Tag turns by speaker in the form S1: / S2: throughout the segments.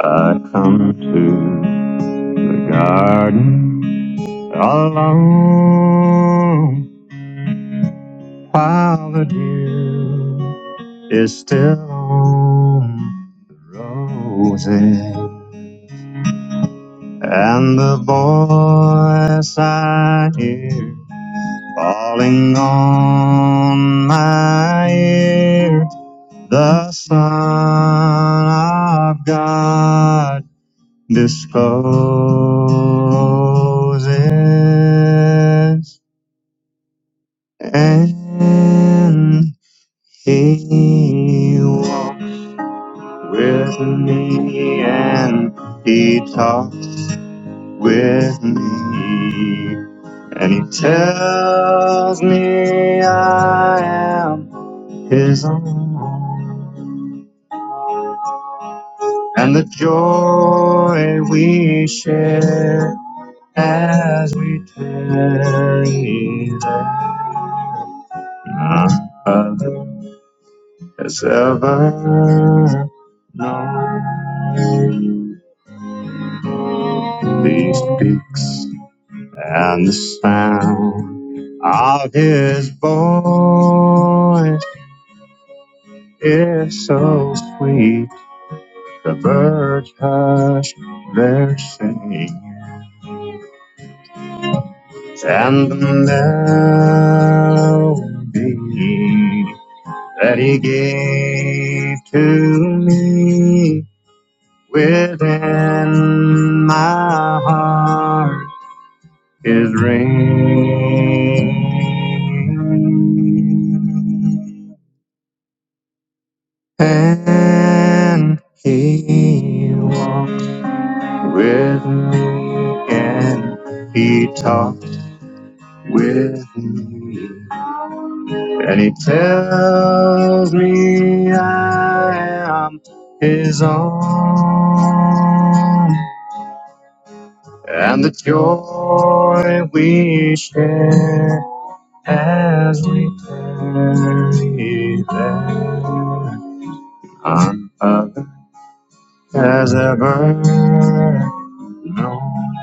S1: I come to the garden alone while the dew is still on roses. And the voice I hear falling on my ear, the Son of God disposes and he walks with me and he talks with me and he tells me I am his own and the joy we share as we tarry there. None other has ever known. These peaks and the sound of his voice is so sweet. The birds hush their singing and the melody that he gave to me within my heart is ringing and he walks with me and he talks with me And he tells me I am his own, and the joy we share as we tarry there on other as ever known,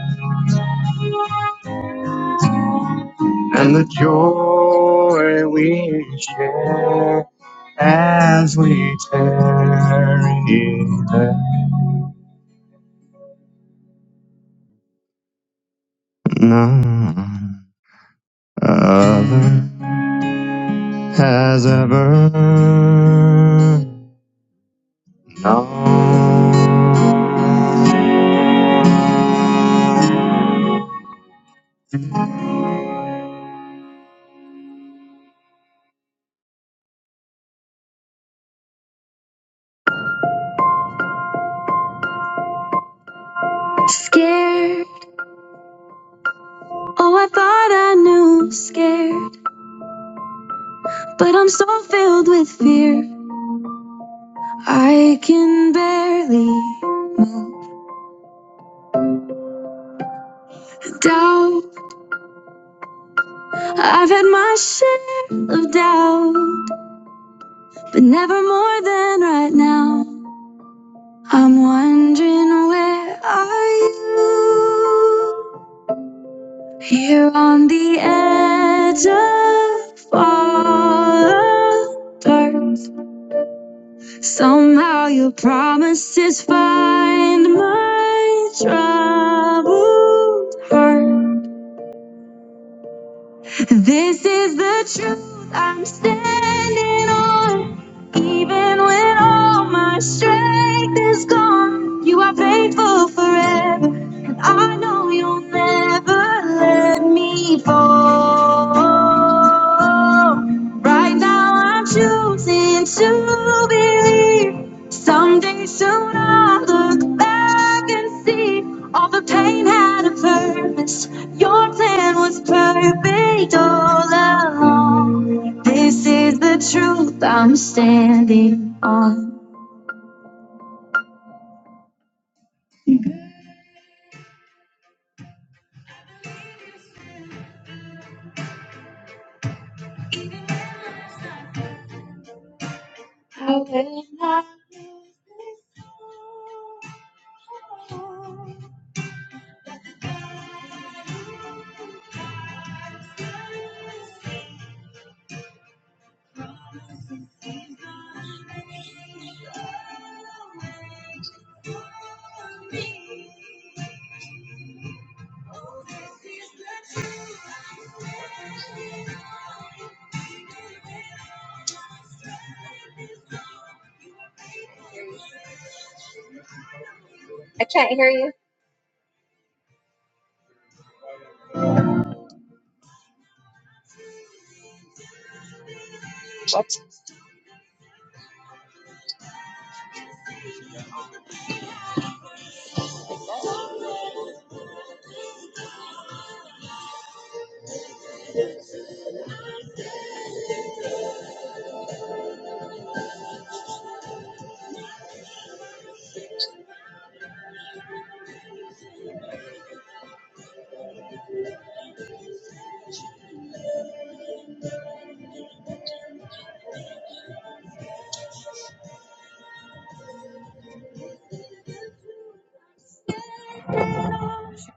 S1: and the joy we share as we tarry there. None other has ever known. Scared, oh, I thought I knew. Scared, but I'm so filled with fear. I can barely doubt. I've had my share of doubt, but never more than right now. I'm wondering where are you? Here on the edge of fallen earth, somehow your promises find my troubled heart. This is the truth I'm standing on. Even when all my strength is gone, you are faithful forever. And I know you'll never let me fall. Right now I'm choosing to believe. Someday soon I'll look back and see all the pain had a purpose. Your plan was perfect all along. This is the truth I'm standing on. I can't hear you.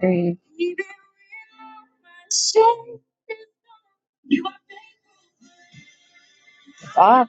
S1: Hey, Bob.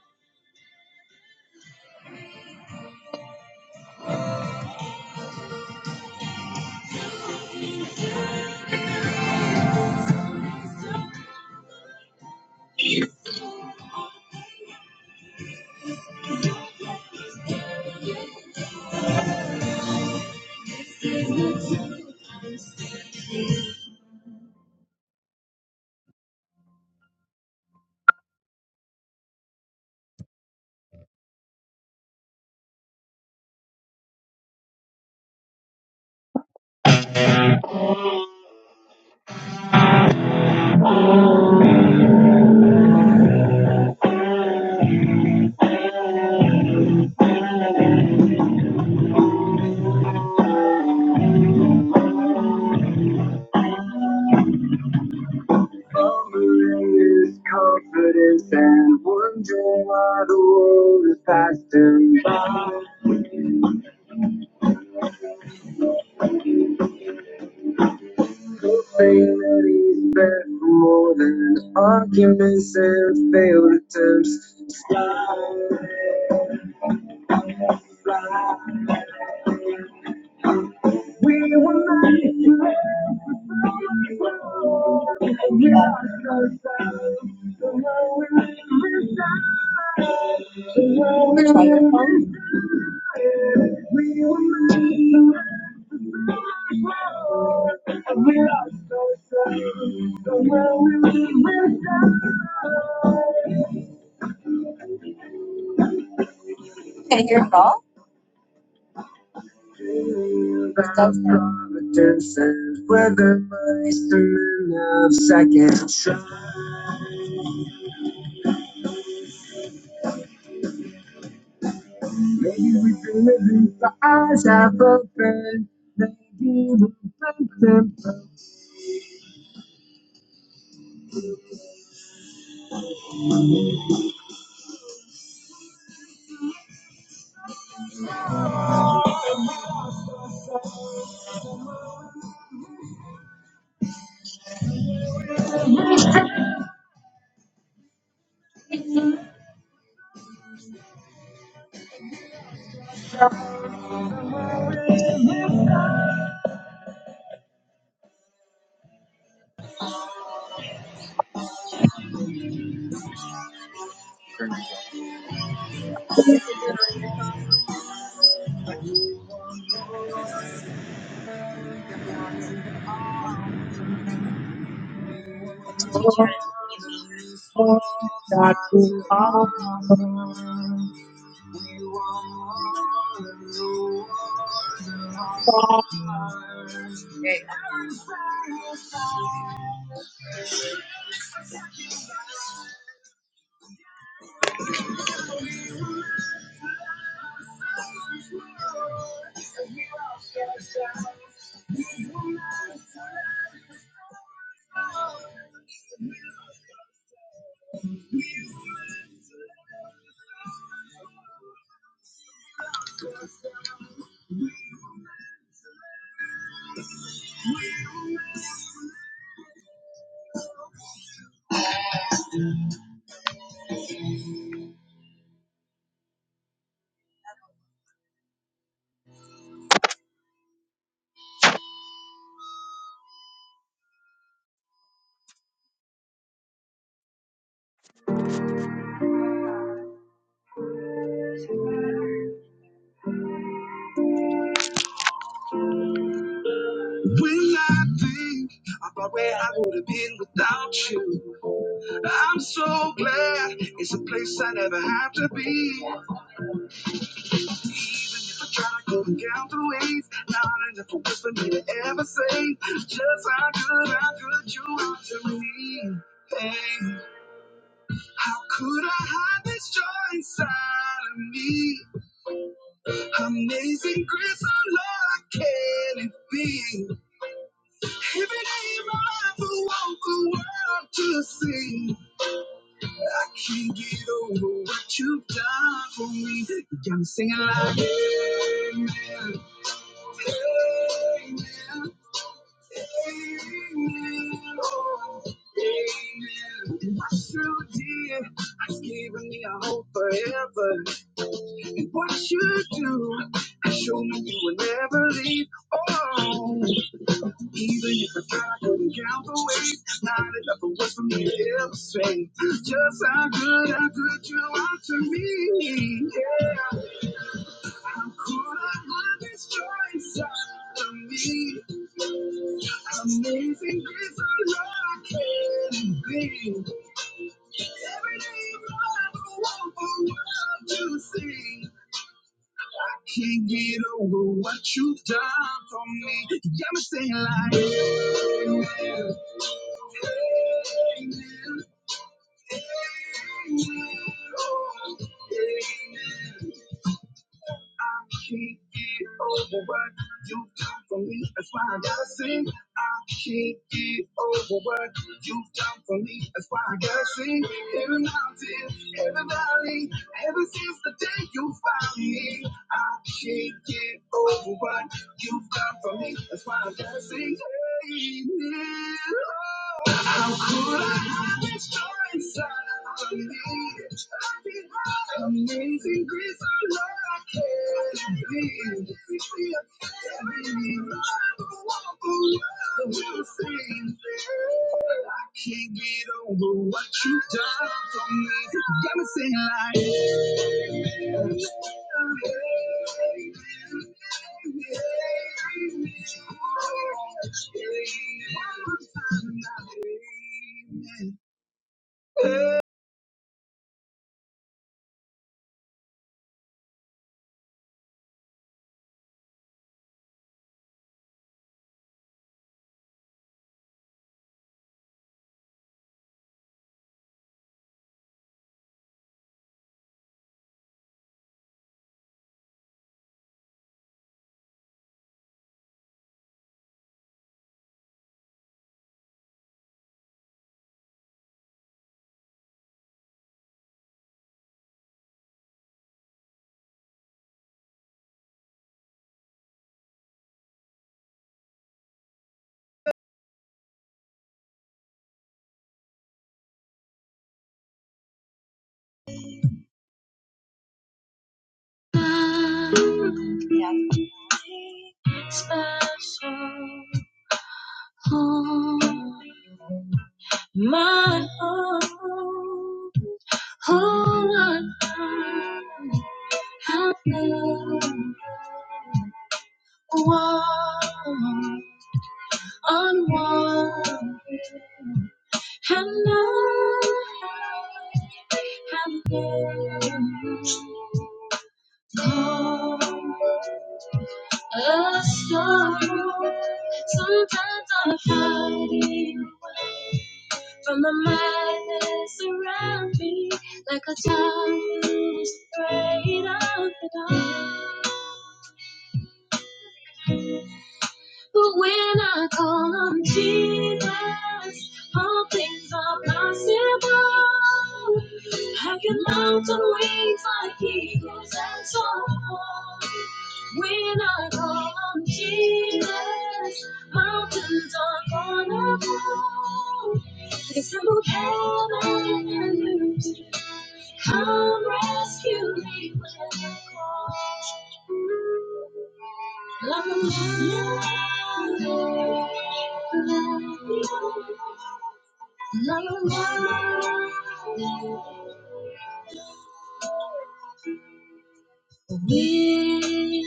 S1: Harmony confidence and wonder why the world is passing by. Hoping that he's for more than arguments and failed attempts. Fly, fly. Dreaming about providence and whether my sermon of second try. Maybe we've been living our eyes half open. Maybe we'll break them.
S2: teach you how to music.
S1: Oh, God, we are
S2: When I think about where I would have been without you, I'm so glad it's a place I never have to be. Even if I try to go count the ways, not enough words for me to ever say just how good, how good you are to me. Hey. How could I hide this joy inside of me? Amazing grace, oh Lord, can it be? Every day of my life, I want the world to see. I can't get over what you've done for me. You got me singing like, Amen, Amen. Has given me a hope forever. And what you do, I show me you will never leave. Oh, even if the sky couldn't count the ways, not enough of words for me to illustrate just how good, how good you are to me. Yeah. How could I not destroy some of me? Amazing grace, I know I can be. Every day is wonderful, for world to see. I can't get over what you've done for me. You got me saying like, Amen, Amen, Amen, oh, amen. I can't get over what you've done for me. That's why I gotta sing. I can't get over what you've done for me. That's why I gotta sing. Every mountain, every valley, ever since the day you found me, I can't get over what you've done for me. That's why I gotta sing. Amen. How could I hide this joy inside of me? I have been her amazing grace, I know I can't be. She be a fairy. I don't walk around with the same thing. I can't get over what you've done for me. You got me saying like. Special home, my home, home, my home. Help me on one and I have been called a sorrow. Sometimes I'm hiding away from the madness around me, like a child who's afraid of the dark. But when I call on Jesus, all things are possible. I can mount on wings like eagles and soar. When I call on Jesus, mountains are gonna fall. They tremble heaven and earth. Come rescue me when I call. I'm alive. I'm alive. Weary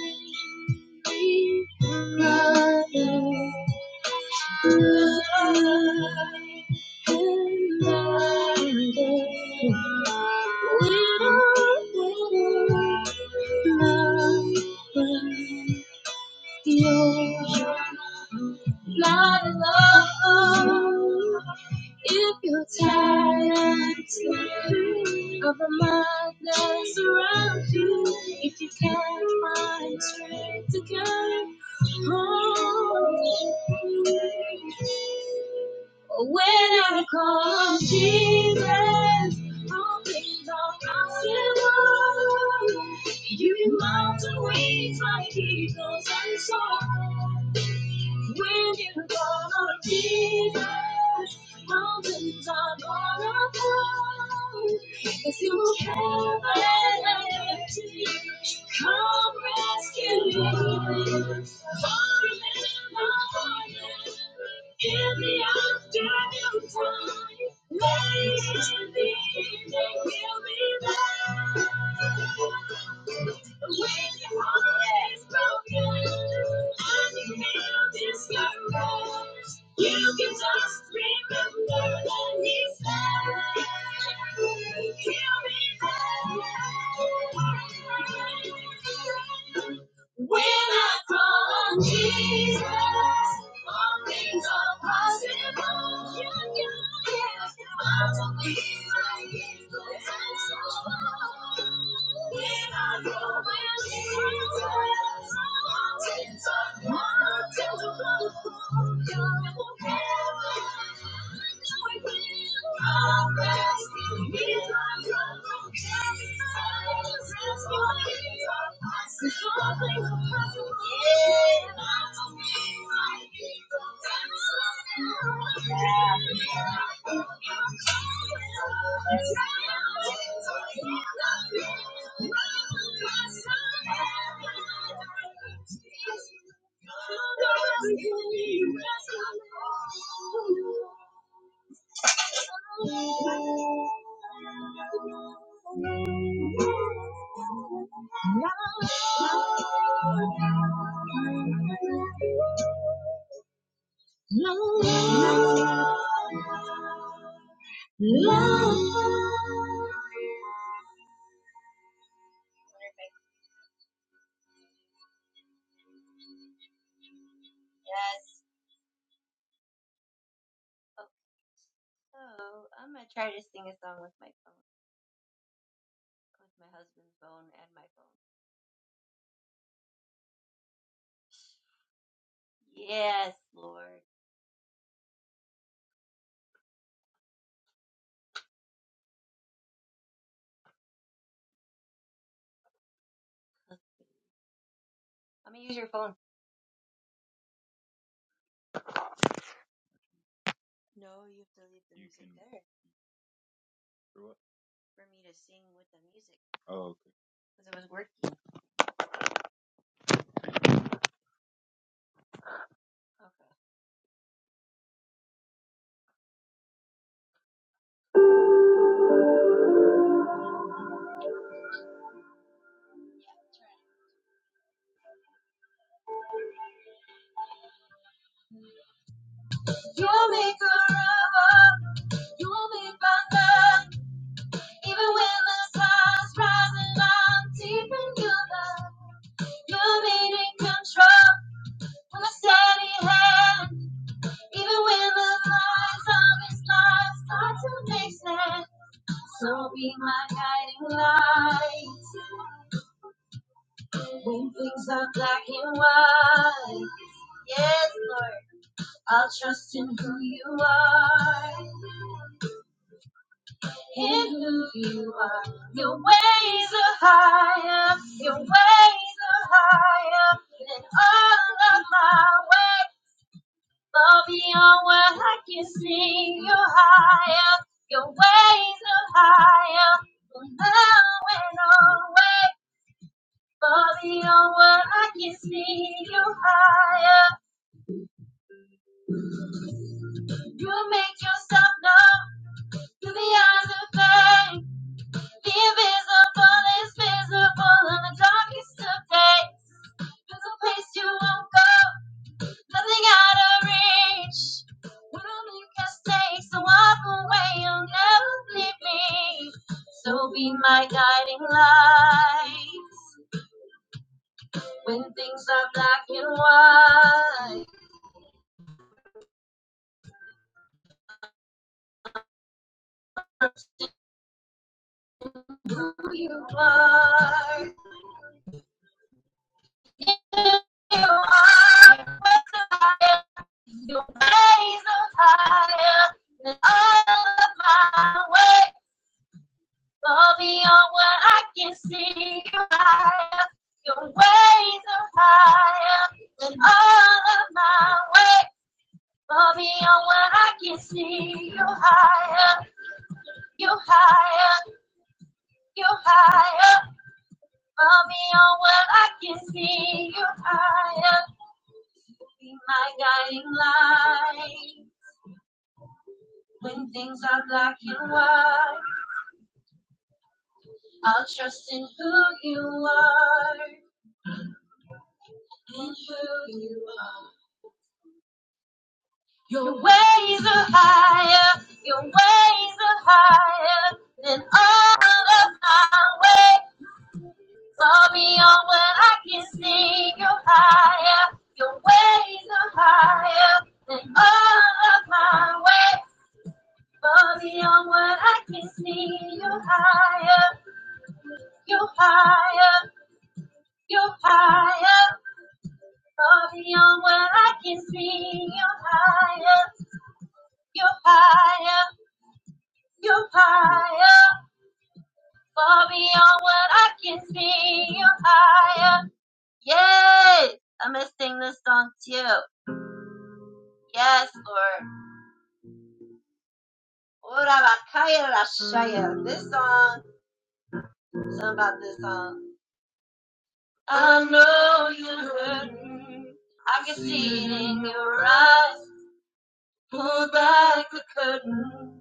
S2: brother, blind and blinded, widow, widow, nothing. You're not alone. If you're tired of the madness around you, if you can't find strength to carry on. When I call on Jesus, I'll be the possible. You in mountain waves like eagles and soar. When you're gonna be there, mountains are gonna fall. If you have energy, come rescue me. Falling in the morning, in the afternoon time, late in When I call on Jesus, all things are possible. You can follow me like it's the answer. When I call on Jesus, all things are possible. God will never, no, he will. Always, he is my yeah. You can do it. Oh, okay. You make a river, you make my love, even when the sun's rising, I'm deep in your love. You remain in control with a steady hand. Even when the lies of this life start to make sense. So be my guiding light. When things are black and white. Yes, Lord. I'll trust in who you are. In who you are. Your ways are higher. Your ways are higher than all of my ways. Far beyond what I can see, you're higher, your ways are higher, from now and always. Far beyond what I can see, you're higher. You make yourself known to the eyes of faith. The invisible is visible in the darkest of days. There's a place you won't go. nothing out of reach. We do make mistakes, so walk away, you'll never leave me. So be my guiding light. When things are black and white, who you are. You are With the fire, your ways are higher than all of my way. Go beyond what I can see. You're higher. Your ways are higher than all of my ways. Go beyond what I can see. You're higher. You're higher. You're higher. Go beyond what I can see. You're higher. Be my guiding light. When things are black and white, who you are and who you are. Your ways are higher, your ways are higher than all of my ways. Far beyond what I can see, you're higher, your ways are higher than all of my ways. Far beyond what I can see, you're higher, you're higher, you're higher. Far beyond what I can see, you're higher, you're higher, you're higher. Far beyond what I can see, you're higher. I'll Rashaya, this song. I know you heard me. I can see it in your eyes. Pull back the curtain.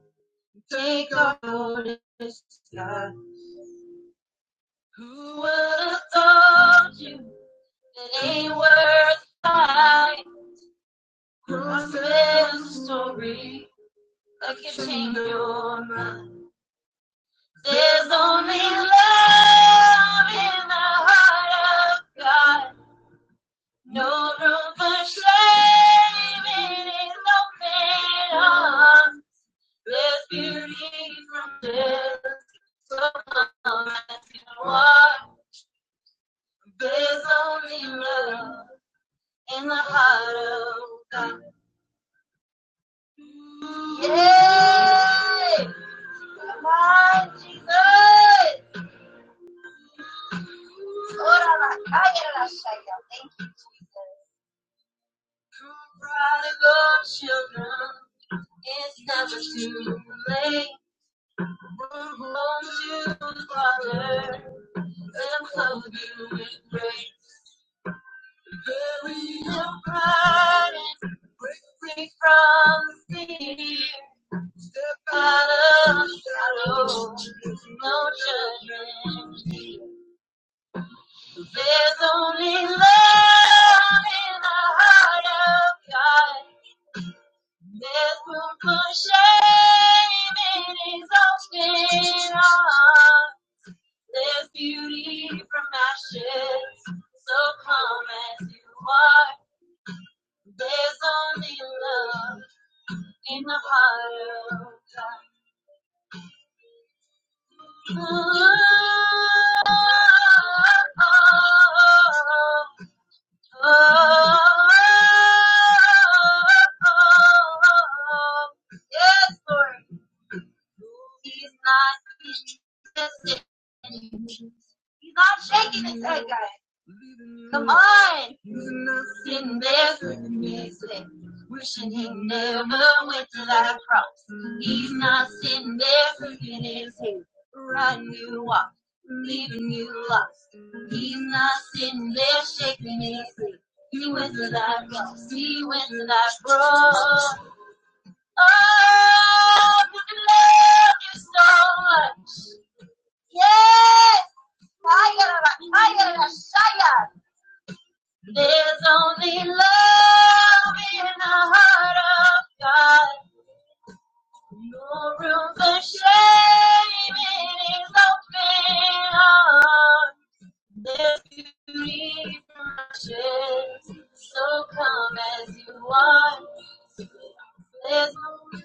S2: Take off your disguise. Who would have told you it ain't worth fighting? Who says the story that can change your mind? There's only love in the heart of God. No room for shame in his open arms. There's beauty from this. So come as you walk. There's only love in the heart of God. Yay! Come on, Jesus! Ora la calle la shaya. Thank you, Jesus. Prodigal children, it's never too late. you, Father, and clothe you with grace. Bury your pride and free from fear. Step out of shadow, no judgment. There's only love in the heart of God. There's room for shame in his open arms. There's beauty from ashes, so calm as you are. There's only love in the heart of God. Ooh, oh, oh, oh, oh, Yes, Lord. He's not shaking his head, guys. Come on. sitting there looking his sick, wishing he never went to that cross. He's not sitting there cooking his head, riding you off, leaving you lost. He's not sitting there shaking his head. He went to that cross. He went to that cross. Oh, we love you so much. Yes. I got a, I got a, I there's only love in the heart of God. No room for shame in His open heart. There's beauty from ashes, so come as you are. There's no,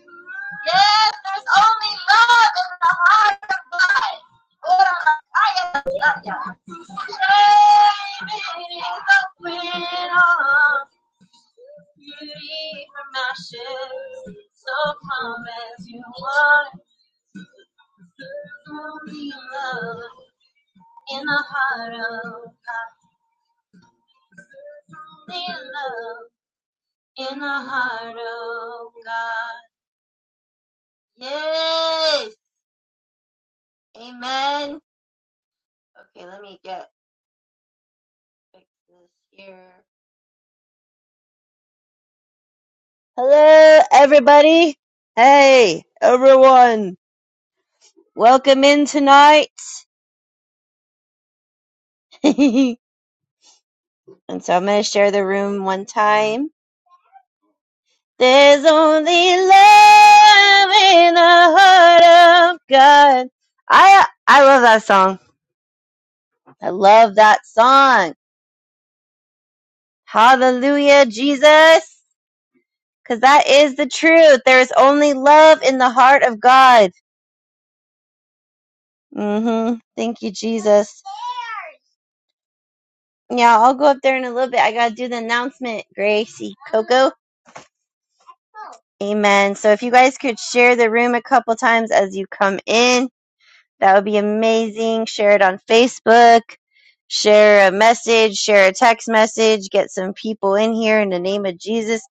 S2: yes, there's only love in the heart of God. Hold I am yeah, yeah. Shame in His open heart. Beauty from my shades, so calm as you are. Only love in the heart of
S1: Hello, everybody. Hey, everyone. welcome in tonight. and so I'm going to share the room one time. There's only love in the heart of God. I I love that song. I love that song. Hallelujah, Jesus. Cause that is the truth. There is only love in the heart of God. Mm-hmm. Thank you, Jesus. Yeah, I'll go up there in a little bit. I gotta do the announcement, Gracie Coco. Amen. So if you guys could share the room a couple times as you come in, that would be amazing. Share it on Facebook, share a message, share a text message, get some people in here in the name of Jesus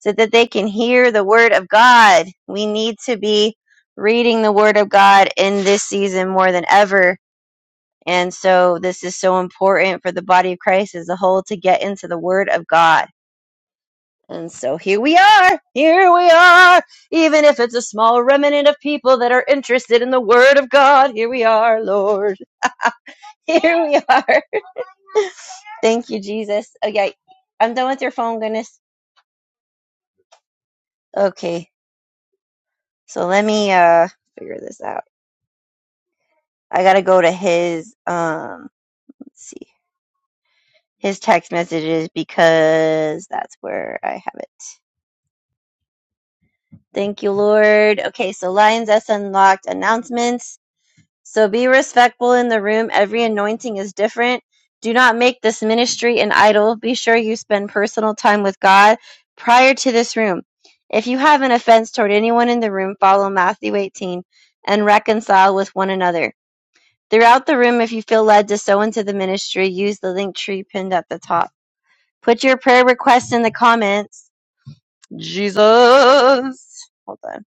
S1: so that they can hear the word of God. We need to be reading the word of God in this season more than ever. And so this is so important for the body of Christ as a whole to get into the word of God and so here we are, here we are, even if it's a small remnant of people that are interested in the Word of God. Here we are, Lord. Here we are. Thank you, Jesus. Okay, I'm done with your phone, goodness. Okay, so let me uh figure this out. I gotta go to his um, let's see, his text messages because that's where I have it. Thank you, Lord. Okay, so Lions S Unlocked announcements. So be respectful in the room. Every anointing is different. Do not make this ministry an idol. Be sure you spend personal time with God prior to this room. If you have an offense toward anyone in the room, follow Matthew 18 and reconcile with one another. Throughout the room, if you feel led to sow into the ministry, use the link tree pinned at the top. Put your prayer request in the comments. Jesus. Hold on.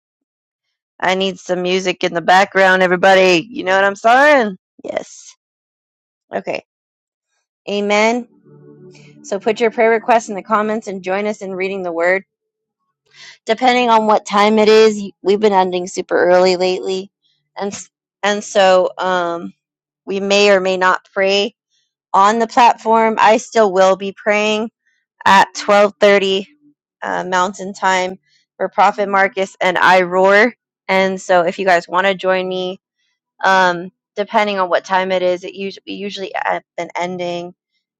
S1: I need some music in the background, everybody. You know what I'm saying? Yes. Okay. Amen. So put your prayer requests in the comments and join us in reading the word. Depending on what time it is, we've been ending super early lately. And and so um we may or may not pray on the platform. I still will be praying at 12:30 uh, Mountain Time for Prophet Marcus and I roar. And so if you guys want to join me um depending on what time it is, it usually we usually have been ending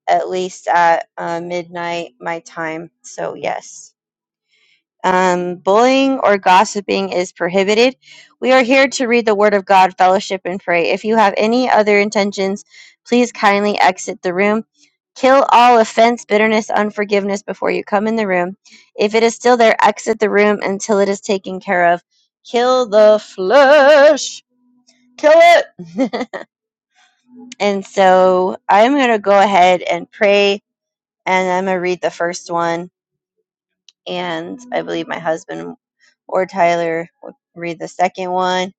S1: at least at uh, midnight my time. So, yes. Um, bullying or gossiping is prohibited. We are here to read the Word of God, fellowship, and pray. If you have any other intentions, please kindly exit the room. Kill all offense, bitterness, unforgiveness before you come in the room. If it is still there, exit the room until it is taken care of. Kill the flesh. Kill it. And so I'm going to go ahead and pray, and I'm going to read the first one and I believe my husband or Tyler would read the second one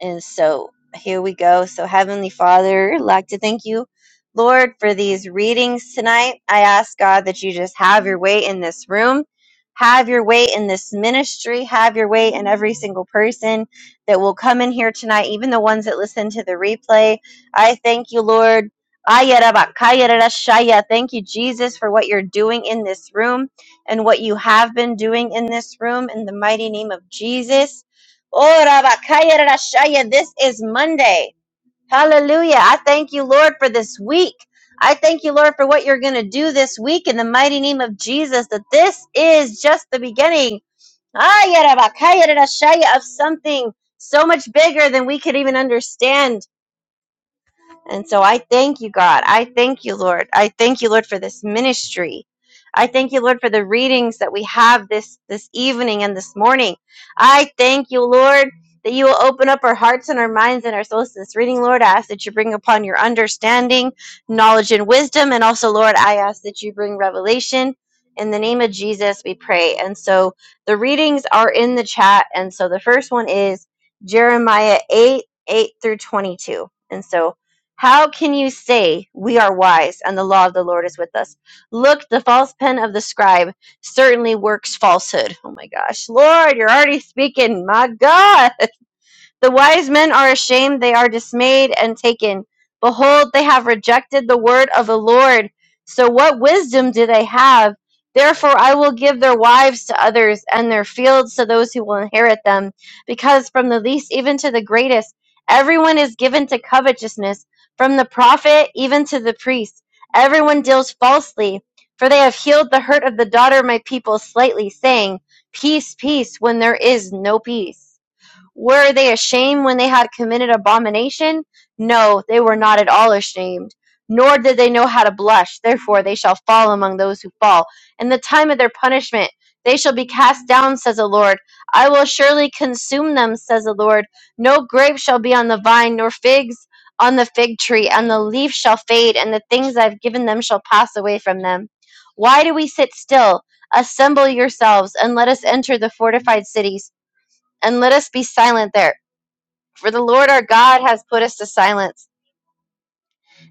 S1: and so here we go. So, Heavenly Father, I'd like to thank you, Lord, for these readings tonight. I ask God that you just have your way in this room, have your way in this ministry, have your way in every single person that will come in here tonight, even the ones that listen to the replay. I thank you, Lord. Ayarabakayarashaya. Thank you, Jesus, for what you're doing in this room and what you have been doing in this room in the mighty name of Jesus. Oh, Rabakaya Rashaya, this is Monday. Hallelujah. I thank you, Lord, for this week. I thank you, Lord, for what you're going to do this week in the mighty name of Jesus, that this is just the beginning Ay, Rabakaya Rashaya, of something so much bigger than we could even understand. And so I thank you, God. I thank you, Lord. I thank you, Lord, for this ministry. I thank you, Lord, for the readings that we have this this evening and this morning. I thank you, Lord, that you will open up our hearts and our minds and our souls to this reading, Lord. I ask that you bring upon your understanding, knowledge, and wisdom. And also, Lord, I ask that you bring revelation. In the name of Jesus, we pray. And so the readings are in the chat. And so the first one is Jeremiah 8, 8 through 22. And so how can you say we are wise and the law of the Lord is with us? Look, the false pen of the scribe certainly works falsehood. Oh my gosh. Lord, you're already speaking. My God. The wise men are ashamed, they are dismayed and taken. Behold, they have rejected the word of the Lord. So what wisdom do they have? Therefore, I will give their wives to others, and their fields to those who will inherit them. Because from the least even to the greatest, everyone is given to covetousness, from the prophet even to the priest. Everyone deals falsely, for they have healed the hurt of the daughter of my people slightly, saying, Peace, peace, when there is no peace. Were they ashamed when they had committed abomination? No, they were not at all ashamed. Nor did they know how to blush. Therefore, they shall fall among those who fall. In the time of their punishment, they shall be cast down, says the Lord. I will surely consume them, says the Lord. No grape shall be on the vine, nor figs on the fig tree, and the leaf shall fade, and the things I've given them shall pass away from them. Why do we sit still? Assemble yourselves, and let us enter the fortified cities and let us be silent there. For the Lord our God has put us to silence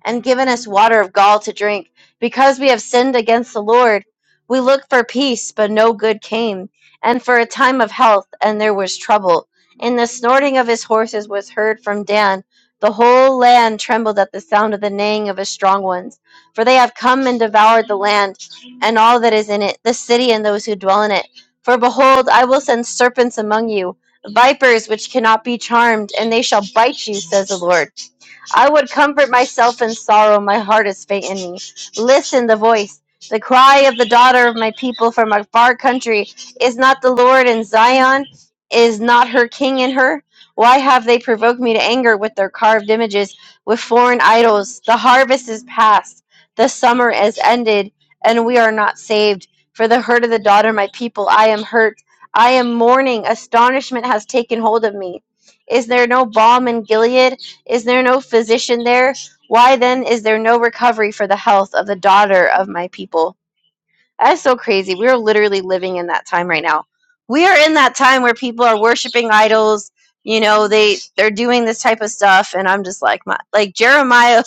S1: and given us water of gall to drink. Because we have sinned against the Lord, we looked for peace, but no good came, and for a time of health, and there was trouble. And the snorting of his horses was heard from Dan. The whole land trembled at the sound of the neighing of his strong ones, for they have come and devoured the land, and all that is in it, the city and those who dwell in it. For behold, I will send serpents among you, vipers which cannot be charmed, and they shall bite you, says the Lord. I would comfort myself in sorrow. My heart is faint in me. Listen, the voice, the cry of the daughter of my people from a far country. Is not the Lord in Zion? Is not her king in her? Why have they provoked me to anger with their carved images, with foreign idols? The harvest is past, the summer is ended, and we are not saved. For the hurt of the daughter of my people, I am hurt. I am mourning. Astonishment has taken hold of me. Is there no balm in Gilead? Is there no physician there? Why then is there no recovery for the health of the daughter of my people? That's so crazy. We are literally living in that time right now. We are in that time where people are worshiping idols. You know, they they're doing this type of stuff, and I'm just like, my like Jeremiah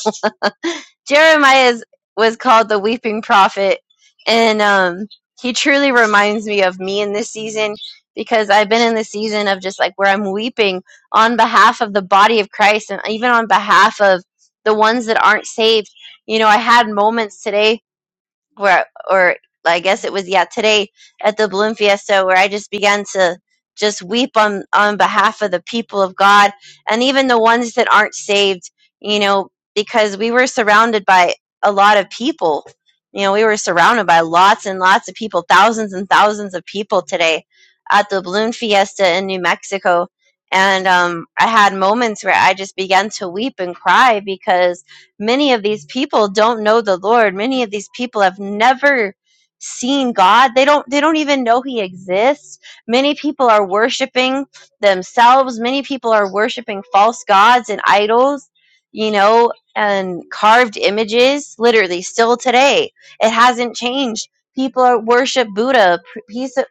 S1: Jeremiah is, was called the weeping prophet, and um, he truly reminds me of me in this season because I've been in the season of just like where I'm weeping on behalf of the body of Christ and even on behalf of the ones that aren't saved. You know, I had moments today where or I guess it was yeah today at the balloon fiesta where I just began to just weep on on behalf of the people of God and even the ones that aren't saved, you know, because we were surrounded by a lot of people. You know, we were surrounded by lots and lots of people, thousands and thousands of people today at the balloon fiesta in New Mexico. And um, I had moments where I just began to weep and cry because many of these people don't know the lord many of these people have never seen god they don't they don't even know he exists many people are worshiping themselves many people are worshiping false gods and idols you know and carved images literally still today it hasn't changed people are, worship buddha p-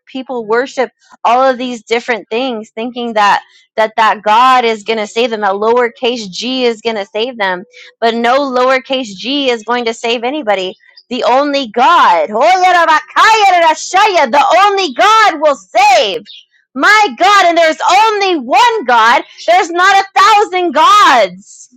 S1: people worship all of these different things thinking that that that god is going to save them that lowercase g is going to save them but no lowercase g is going to save anybody. The only God, oh, yeah, yeah, yeah, yeah, yeah, yeah, yeah, yeah, the only God will save. My God, and there's only one God. There's not a thousand gods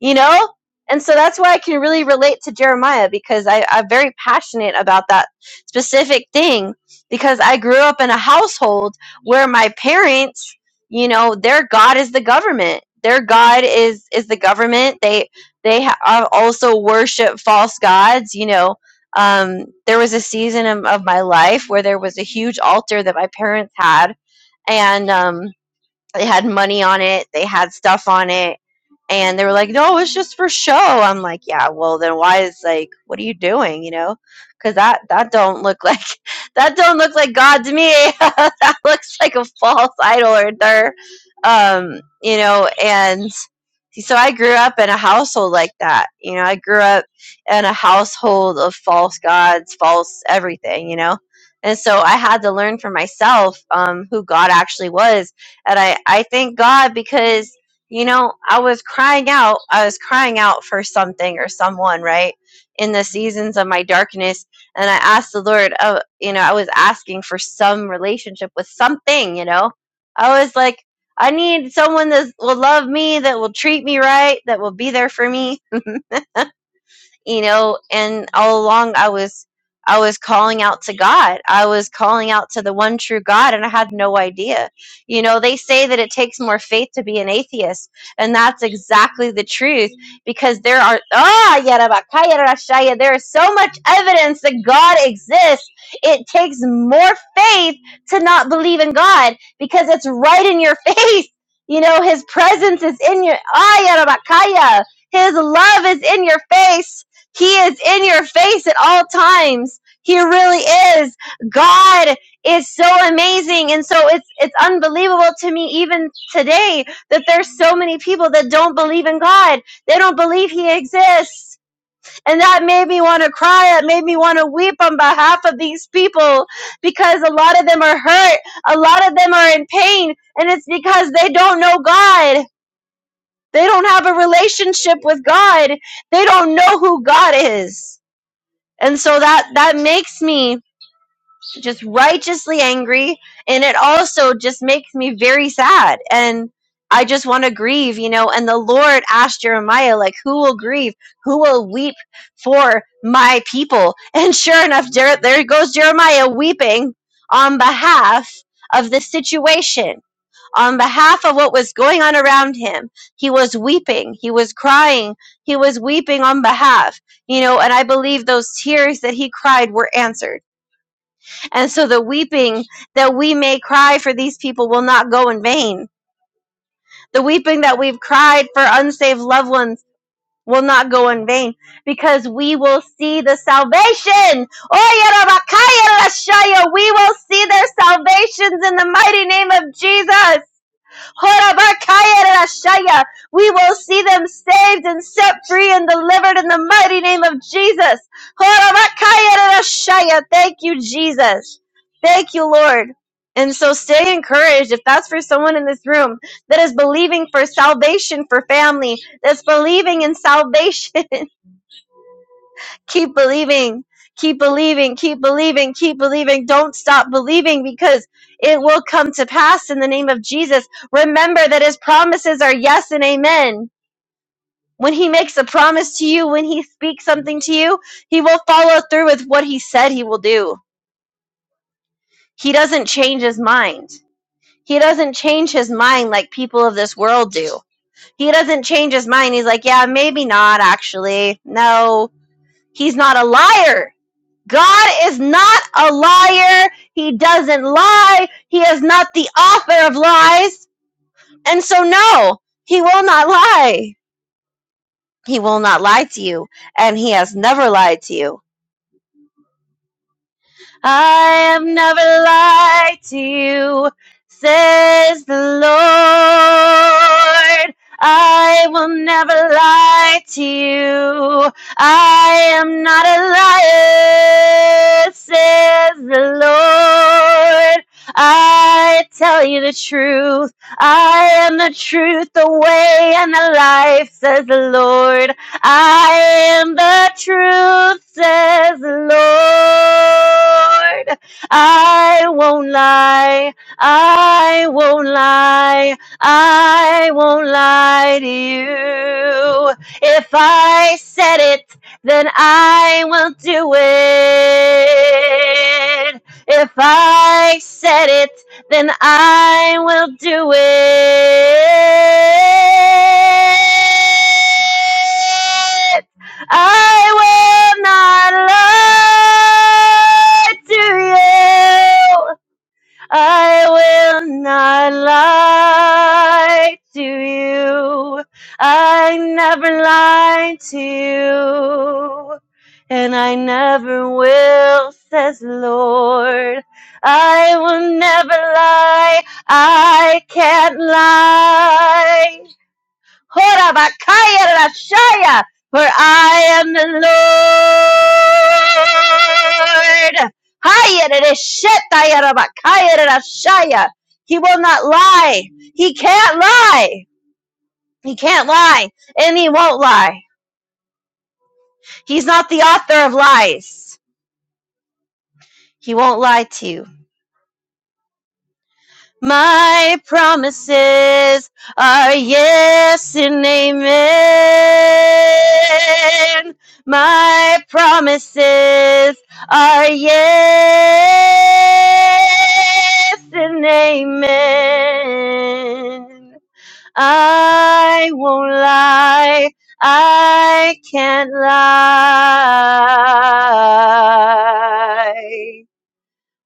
S1: you know and so that's why i can really relate to jeremiah because I, i'm very passionate about that specific thing because i grew up in a household where my parents you know their god is the government their god is is the government they they ha- are also worship false gods you know um, there was a season of, of my life where there was a huge altar that my parents had and um, they had money on it, they had stuff on it, and they were like, "No, it's just for show." I'm like, "Yeah, well then why is like what are you doing, you know? Cuz that that don't look like that don't look like God to me. that looks like a false idol or there. Um, you know, and so I grew up in a household like that. You know, I grew up in a household of false gods, false everything, you know. And so I had to learn for myself um, who God actually was and I, I thank God because, you know, I was crying out. I was crying out for something or someone, right? In the seasons of my darkness. And I asked the Lord, uh, you know, I was asking for some relationship with something, you know? I was like, I need someone that will love me, that will treat me right, that will be there for me you know and all along i was i was calling out to god i was calling out to the one true god and i had no idea you know they say that it takes more faith to be an atheist and that's exactly the truth because there are ah yarabakaya rashaya, there is so much evidence that god exists it takes more faith to not believe in god because it's right in your face you know his presence is in your ah yarabakaya his love is in your face he is in your face at all times. He really is. God is so amazing. And so it's it's unbelievable to me even today that there's so many people that don't believe in God. They don't believe he exists. And that made me want to cry. It made me want to weep on behalf of these people because a lot of them are hurt. A lot of them are in pain. And it's because they don't know God. They don't have a relationship with God. They don't know who God is. And so that that makes me just righteously angry and it also just makes me very sad and I just want to grieve, you know, and the Lord asked Jeremiah like who will grieve? Who will weep for my people? And sure enough Jer- there goes Jeremiah weeping on behalf of the situation on behalf of what was going on around him. He was weeping. He was crying. He was weeping on behalf, you know, and I believe those tears that he cried were answered. And so the weeping that we may cry for these people will not go in vain. The weeping that we've cried for unsaved loved ones will not go in vain because we will see the salvation. Oh, we will see their salvations in the mighty name of Jesus. Horabakayarashaya. We will see them saved and set free and delivered in the mighty name of Jesus. Horabakayarashaya. Thank you, Jesus. Thank you, Lord. And so stay encouraged if that's for someone in this room that is believing for salvation for family, that's believing in salvation keep believing keep believing keep believing keep believing don't stop believing because it will come to pass in the name of jesus remember that his promises are yes and amen when he makes a promise to you when he speaks something to you he will follow through with what he said he will do he doesn't change his mind he doesn't change his mind like people of this world do he doesn't change his mind he's like yeah maybe not actually no he's not a liar God is not a liar. He doesn't lie. He is not the author of lies. And so, no, he will not lie. He will not lie to you. And he has never lied to you. I have never lied to you, says the Lord. I will never lie to you. I am not a liar, says the Lord. I tell you the truth. I am the truth, the way, and the life, says the Lord. I am the truth, says the Lord. I won't lie. I won't lie. I won't lie to you. If I said it, then I will do it. If I said it, then I will do it. I will not lie to you. I will not lie to you. I never lied to you. And I never will, says the Lord. I will never lie. I can't lie. Horabakayarashaya, For I am the Lord. Hayarashetayarabakayarashaya. He will not lie. He can't lie. He can't lie. And he won't lie. He's not the author of lies. He won't lie to you. My promises are yes and amen. My promises are yes and amen. I won't lie. I can't lie.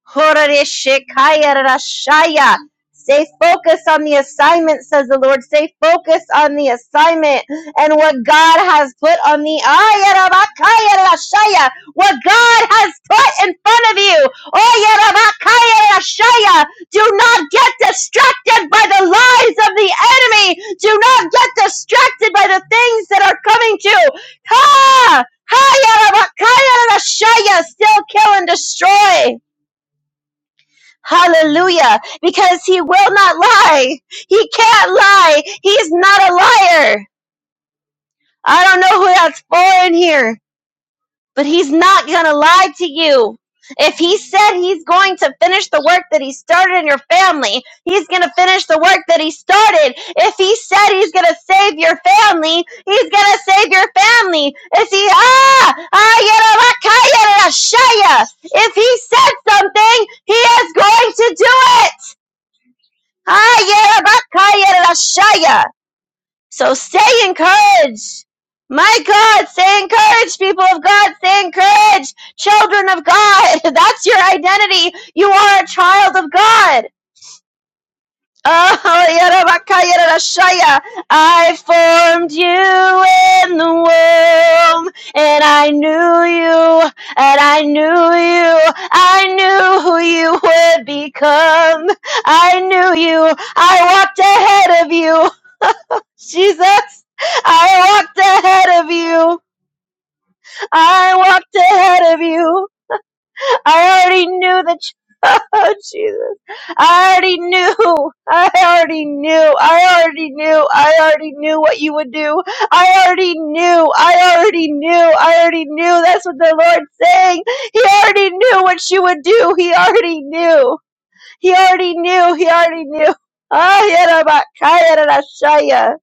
S1: Horareshekayarashaya. Stay focused on the assignment, says the Lord. Stay focused on the assignment and what God has put on the Ayarabakayarashaya. What God has put in front of you. Ayarabakayarashaya. Do not get distracted by the lies of the enemy. Do not get distracted by the things that are coming to you. Ha! Still kill and destroy. Hallelujah. Because he will not lie. He can't lie. He's not a liar. I don't know who that's for in here, but he's not going to lie to you. If he said he's going to finish the work that he started in your family, he's going to finish the work that he started. If he said he's going to save your family, he's going to save your family. If he, ah, ah, yada, la, kaya, if he said something, he is going to do it. Hayerabakayerashaya. So stay encouraged. My God, stay encouraged, people of God, stay encouraged, children of God. That's your identity. You are a child of God. Oh, yarabakayarashaya. I formed you in the womb, and I knew you, and I knew you, I knew who you would become. I knew you, I walked ahead of you, Jesus. I walked ahead of you, I walked ahead of you. I already knew that. You- oh Jesus! I already knew. I already knew. I already knew. I already knew what you would do. I already knew. I already knew. I already knew. That's what the Lord's saying. He already knew what you would do. He already knew. He already knew. He already knew. Ah, yarabakaya rarashaya.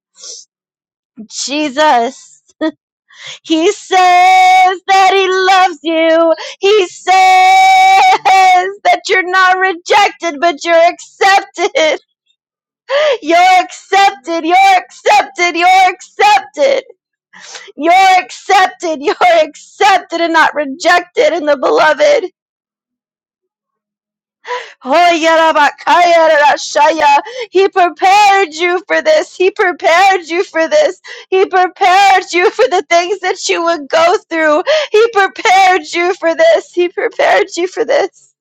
S1: Jesus. He says that he loves you. He says that you're not rejected, but you're accepted. You're accepted. You're accepted. You're accepted. You're accepted. You're accepted and not rejected in the beloved. Hoyarabakayarashaya. He prepared you for this. He prepared you for this. He prepared you for the things that you would go through. He prepared you for this. He prepared you for this.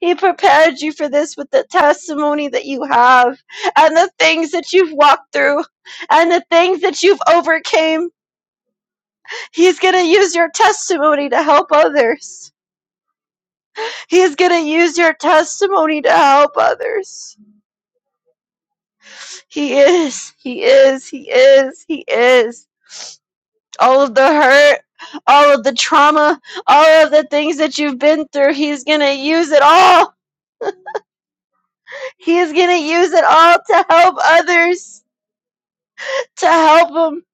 S1: He prepared you for this with the testimony that you have and the things that you've walked through and the things that you've overcame. He's going to use your testimony to help others. He's going to use your testimony to help others. He is. He is. He is. He is. All of the hurt, all of the trauma, all of the things that you've been through, he's going to use it all. He is going to use it all to help others, to help them,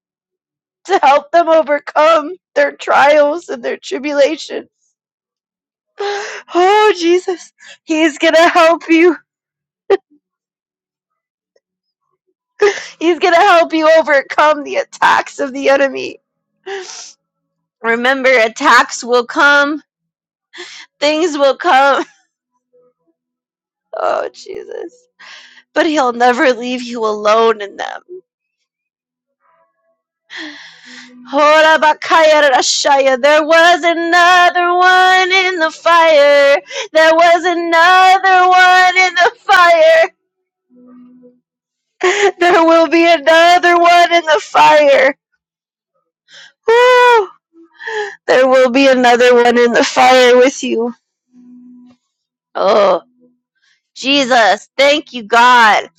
S1: to help them overcome their trials and their tribulations. Oh, Jesus. He's going to help you. He's going to help you overcome the attacks of the enemy. Remember, attacks will come, things will come. Oh, Jesus. But he'll never leave you alone in them. Hora bakaya rashaya. There was another one in the fire. There was another one in the fire. There will be another one in the fire. Woo! There will be another one in the fire with you. Oh. Jesus. Thank you, God.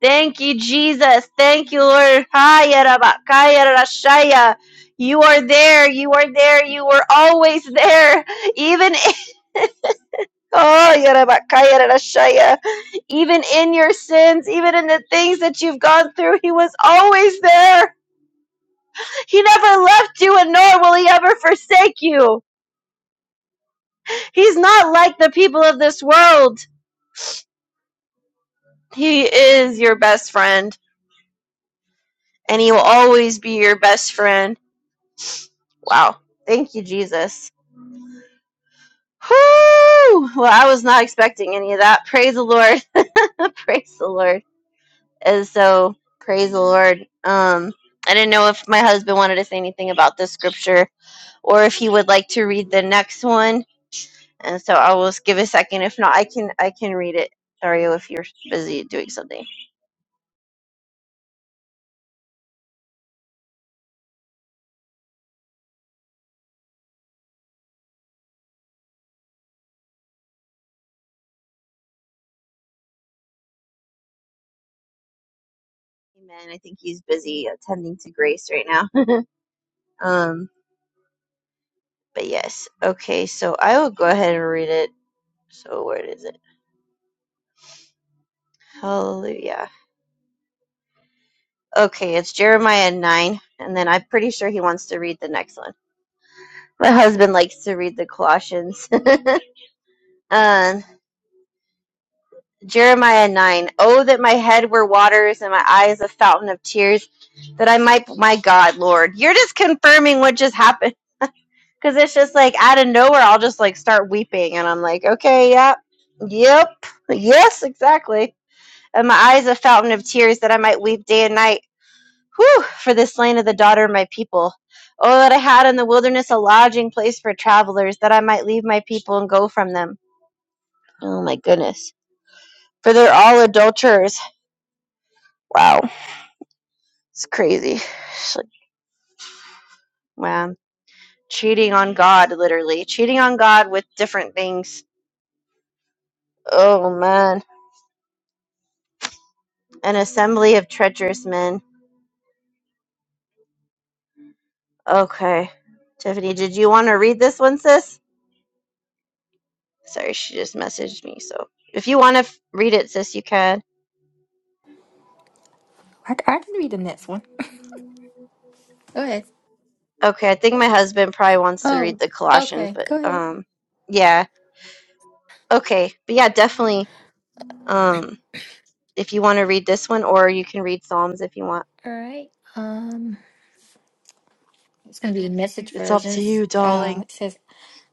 S1: Thank you, Jesus. Thank you, Lord. Haya rabakaya rashaya. You are there. You are there. You were always there. Even in, Oh, yarabakaya rarashaya. even in your sins, even in the things that you've gone through, He was always there. He never left you, and nor will He ever forsake you. He's not like the people of this world. He is your best friend. and he will always be your best friend. Wow. Thank you, Jesus. Whoo! Well, I was not expecting any of that. Praise the Lord. praise the Lord. And so, praise the Lord. Um, I didn't know if my husband wanted to say anything about this scripture or if he would like to read the next one. And so I will give a second. If not, I can I can read it. Sorry if you're busy doing something. Amen. I think he's busy attending to Grace right now. Um, but yes. Okay, so I will go ahead and read it. So where is it? Hallelujah. Okay, it's Jeremiah 9, and then I'm pretty sure he wants to read the next one. My husband likes to read the Colossians. um, Jeremiah 9. Oh, that my head were waters and my eyes a fountain of tears, that I might, my God, Lord. You're just confirming what just happened. Because it's just like out of nowhere, I'll just like start weeping, and I'm like, okay, yep, yep, yes, exactly. And my eyes a fountain of tears that I might weep day and night. Whew, for this land of the daughter of my people. Oh, that I had in the wilderness a lodging place for travelers, that I might leave my people and go from them. Oh my goodness. For they're all adulterers. Wow. It's crazy. It's like, wow. Cheating on God, literally. Cheating on God with different things. Oh man. An assembly of treacherous men. Okay. Tiffany, did you want to read this one, sis? Sorry, she just messaged me. So if you want to f- read it, sis, you can.
S3: I, I can read the next one. Go ahead.
S1: Okay, I think my husband probably wants to read
S3: Oh,
S1: the Colossians,
S3: okay.
S1: but
S3: Go ahead.
S1: um, yeah. Okay, but yeah, definitely. Um, if you want to read this one, or you can read Psalms if you want.
S3: All right. Um, it's gonna be the message
S1: It's up to
S3: versions.
S1: you,
S3: Uh,
S1: darling.
S3: it says,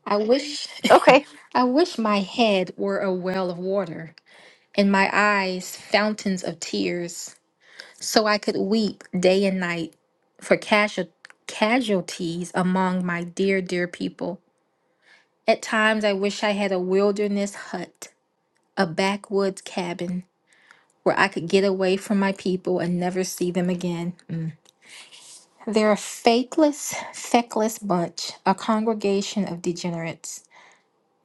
S3: "I wish,
S1: Okay.
S3: I wish my head were a well of water, and my eyes fountains of tears, so I could weep day and night for casual casualties among my dear, dear people. At times, I wish I had a wilderness hut, a backwoods cabin." where I could get away from my people and never see them again. Mm. They're a faithless, feckless bunch, a congregation of degenerates.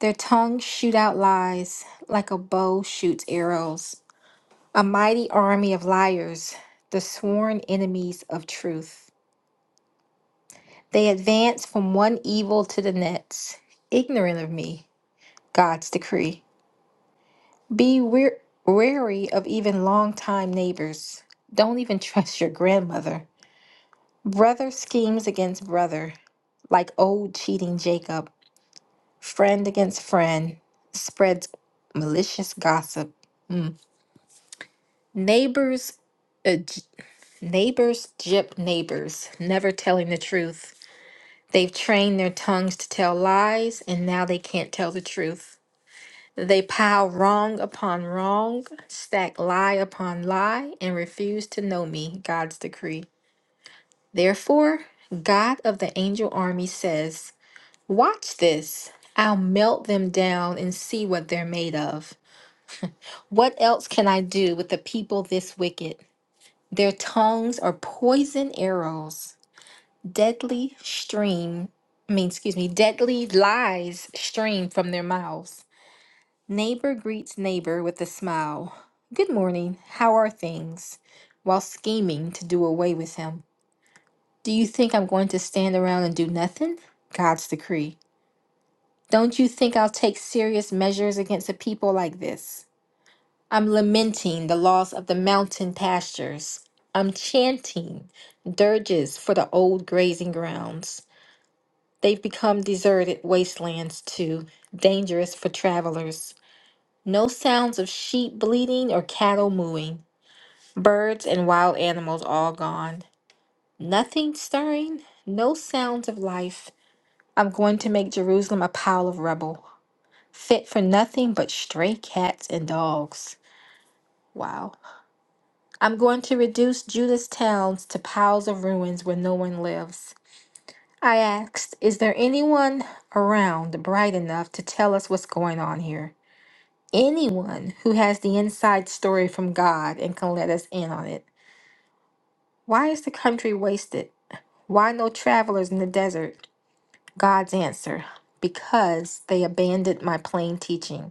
S3: Their tongues shoot out lies like a bow shoots arrows, a mighty army of liars, the sworn enemies of truth. They advance from one evil to the next, ignorant of me, God's decree. Be wear- wary of even long-time neighbors. Don't even trust your grandmother. Brother schemes against brother, like old cheating Jacob. Friend against friend, spreads malicious gossip. Mm. Neighbors, uh, j- neighbors gyp neighbors, never telling the truth. They've trained their tongues to tell lies, and now they can't tell the truth. They pile wrong upon wrong, stack lie upon lie, and refuse to know me, God's decree. Therefore, God of the angel army says, Watch this. I'll melt them down and see what they're made of. What else can I do with the people this wicked? Their tongues are poison arrows, deadly stream. I mean, excuse me, deadly lies stream from their mouths. Neighbor greets neighbor with a smile. Good morning. How are things? While scheming to do away with him. Do you think I'm going to stand around and do nothing? God's decree. Don't you think I'll take serious measures against a people like this? I'm lamenting the loss of the mountain pastures. I'm chanting dirges for the old grazing grounds. They've become deserted wastelands too, dangerous for travelers. No sounds of sheep bleating or cattle mooing. Birds and wild animals all gone. Nothing stirring, no sounds of life. I'm going to make Jerusalem a pile of rubble. fit for nothing but stray cats and dogs. Wow. I'm going to reduce Judah's towns to piles of ruins where no one lives. I asked, Is there anyone around bright enough to tell us what's going on here? Anyone who has the inside story from God and can let us in on it. Why is the country wasted? Why no travelers in the desert? God's answer because they abandoned my plain teaching.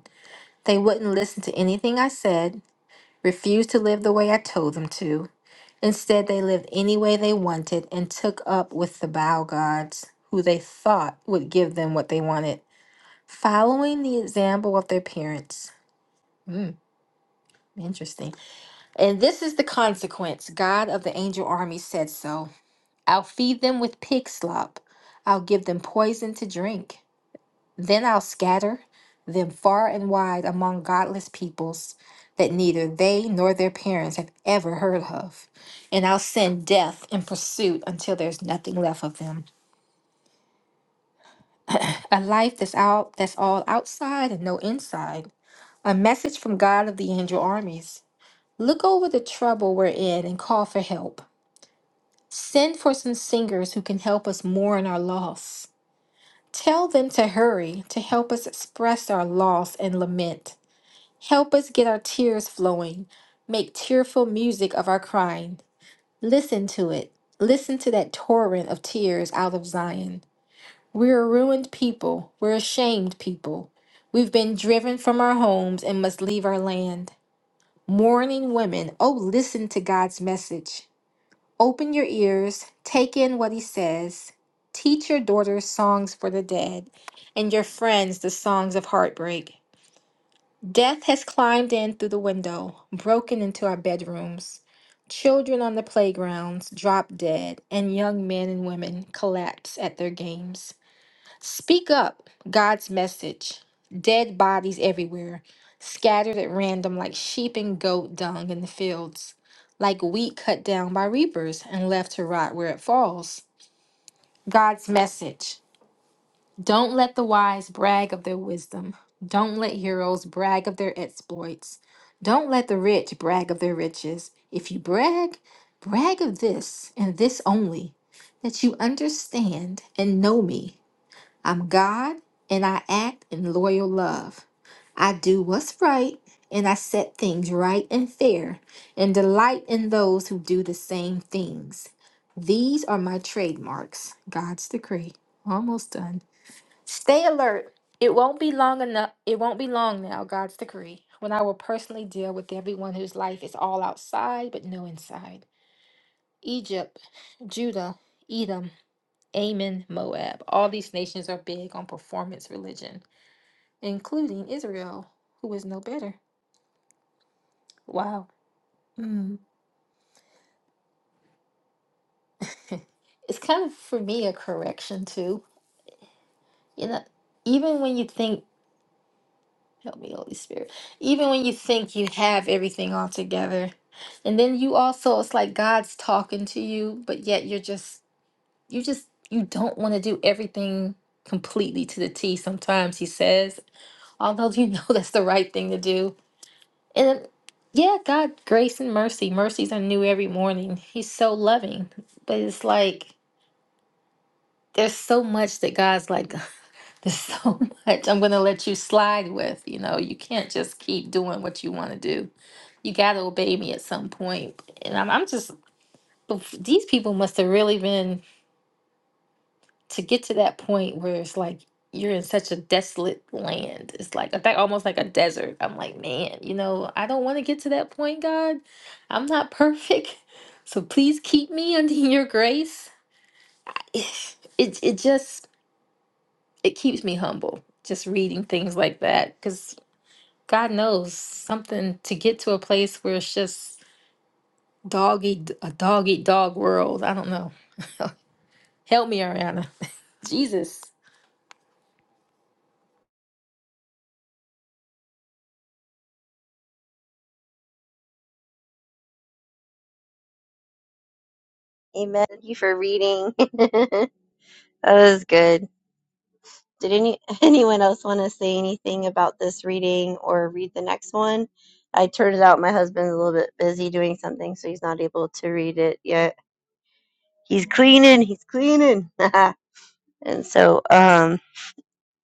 S3: They wouldn't listen to anything I said, refused to live the way I told them to. Instead, they lived any way they wanted and took up with the Baal gods, who they thought would give them what they wanted, following the example of their parents. Mm, interesting. And this is the consequence God of the angel army said so. I'll feed them with pig slop, I'll give them poison to drink. Then I'll scatter them far and wide among godless peoples that neither they nor their parents have ever heard of. And I'll send death in pursuit until there's nothing left of them. A life that's out that's all outside and no inside. A message from God of the angel armies. Look over the trouble we're in and call for help. Send for some singers who can help us mourn our loss. Tell them to hurry to help us express our loss and lament. Help us get our tears flowing. Make tearful music of our crying. Listen to it. Listen to that torrent of tears out of Zion. We're a ruined people. We're ashamed people. We've been driven from our homes and must leave our land. Mourning women, oh, listen to God's message. Open your ears, take in what He says. Teach your daughters songs for the dead and your friends the songs of heartbreak. Death has climbed in through the window, broken into our bedrooms. Children on the playgrounds drop dead, and young men and women collapse at their games. Speak up, God's message. Dead bodies everywhere, scattered at random like sheep and goat dung in the fields, like wheat cut down by reapers and left to rot where it falls. God's message. Don't let the wise brag of their wisdom. Don't let heroes brag of their exploits. Don't let the rich brag of their riches. If you brag, brag of this and this only that you understand and know me. I'm God and I act in loyal love. I do what's right and I set things right and fair and delight in those who do the same things. These are my trademarks, God's decree. Almost done. Stay alert. It won't be long enough. It won't be long now, God's decree, when I will personally deal with everyone whose life is all outside but no inside. Egypt, Judah, Edom, Ammon, Moab. All these nations are big on performance religion, including Israel, who is no better. Wow. Mm. it's kind of for me a correction too. You know, even when you think Help me, Holy Spirit. Even when you think you have everything all together. And then you also, it's like God's talking to you, but yet you're just, you just, you don't want to do everything completely to the T sometimes, He says, although you know that's the right thing to do. And yeah, God, grace and mercy. Mercies are new every morning. He's so loving. But it's like, there's so much that God's like, There's so much I'm going to let you slide with. You know, you can't just keep doing what you want to do. You got to obey me at some point. And I'm, I'm just, oof, these people must have really been to get to that point where it's like you're in such a desolate land. It's like a- that- almost like a desert. I'm like, man, you know, I don't want to get to that point, God. I'm not perfect. So please keep me under your grace. It, it just, it keeps me humble just reading things like that because. God knows something to get to a place where it's just dog eat a dog eat dog world. I don't know. Help me, Ariana. Jesus.
S1: Amen. Thank you for reading. that was good. Did any anyone else want to say anything about this reading or read the next one? I turned it out my husband's a little bit busy doing something, so he's not able to read it yet. He's cleaning, he's cleaning. and so, um,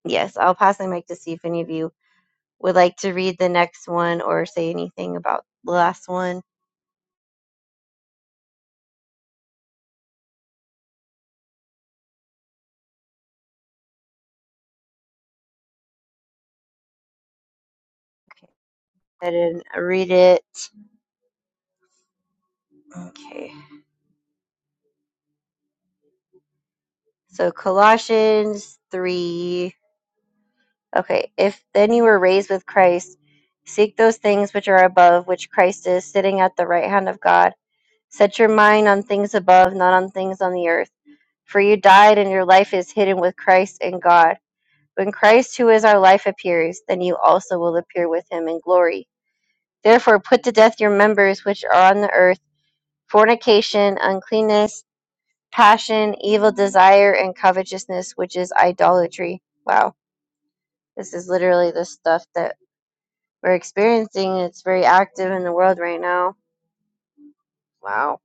S1: yes, I'll pass the mic to see if any of you would like to read the next one or say anything about the last one. Okay, I didn't read it. Okay. So Colossians 3 Okay, if then you were raised with Christ, seek those things which are above, which Christ is, sitting at the right hand of God. Set your mind on things above, not on things on the earth. For you died, and your life is hidden with Christ in God. When Christ, who is our life, appears, then you also will appear with him in glory. Therefore, put to death your members which are on the earth fornication, uncleanness, passion, evil desire, and covetousness, which is idolatry. Wow, this is literally the stuff that we're experiencing. It's very active in the world right now. Wow.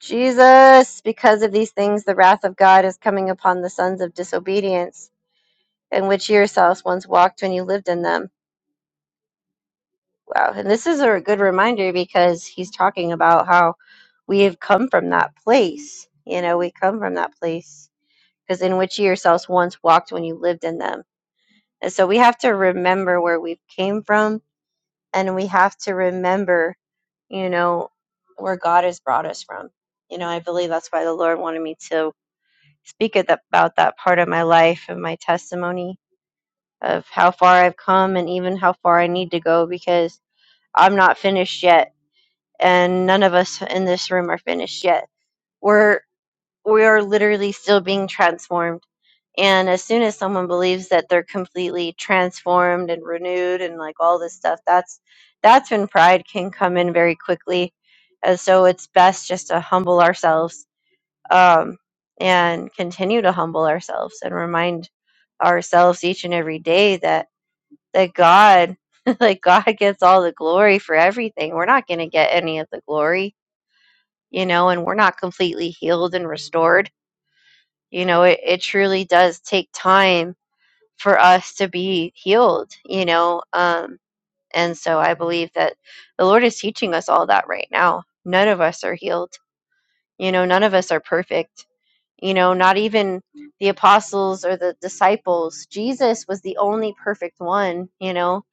S1: Jesus, because of these things, the wrath of God is coming upon the sons of disobedience, in which you yourselves once walked when you lived in them. Wow. And this is a good reminder because he's talking about how we have come from that place. You know, we come from that place because in which you yourselves once walked when you lived in them. And so we have to remember where we came from and we have to remember you know where god has brought us from you know i believe that's why the lord wanted me to speak at that- about that part of my life and my testimony of how far i've come and even how far i need to go because i'm not finished yet and none of us in this room are finished yet We're we are literally still being transformed. And as soon as someone believes that they're completely transformed and renewed and like all this stuff, that's that's when pride can come in very quickly. And so it's best just to humble ourselves um, and continue to humble ourselves and remind ourselves each and every day that that God, like God, gets all the glory for everything. We're not going to get any of the glory, you know, and we're not completely healed and restored you know, it, it truly does take time for us to be healed, you know. Um, and so I believe that the Lord is teaching us all that right now. None of us are healed. You know, none of us are perfect. You know, not even the apostles or the disciples. Jesus was the only perfect one, you know.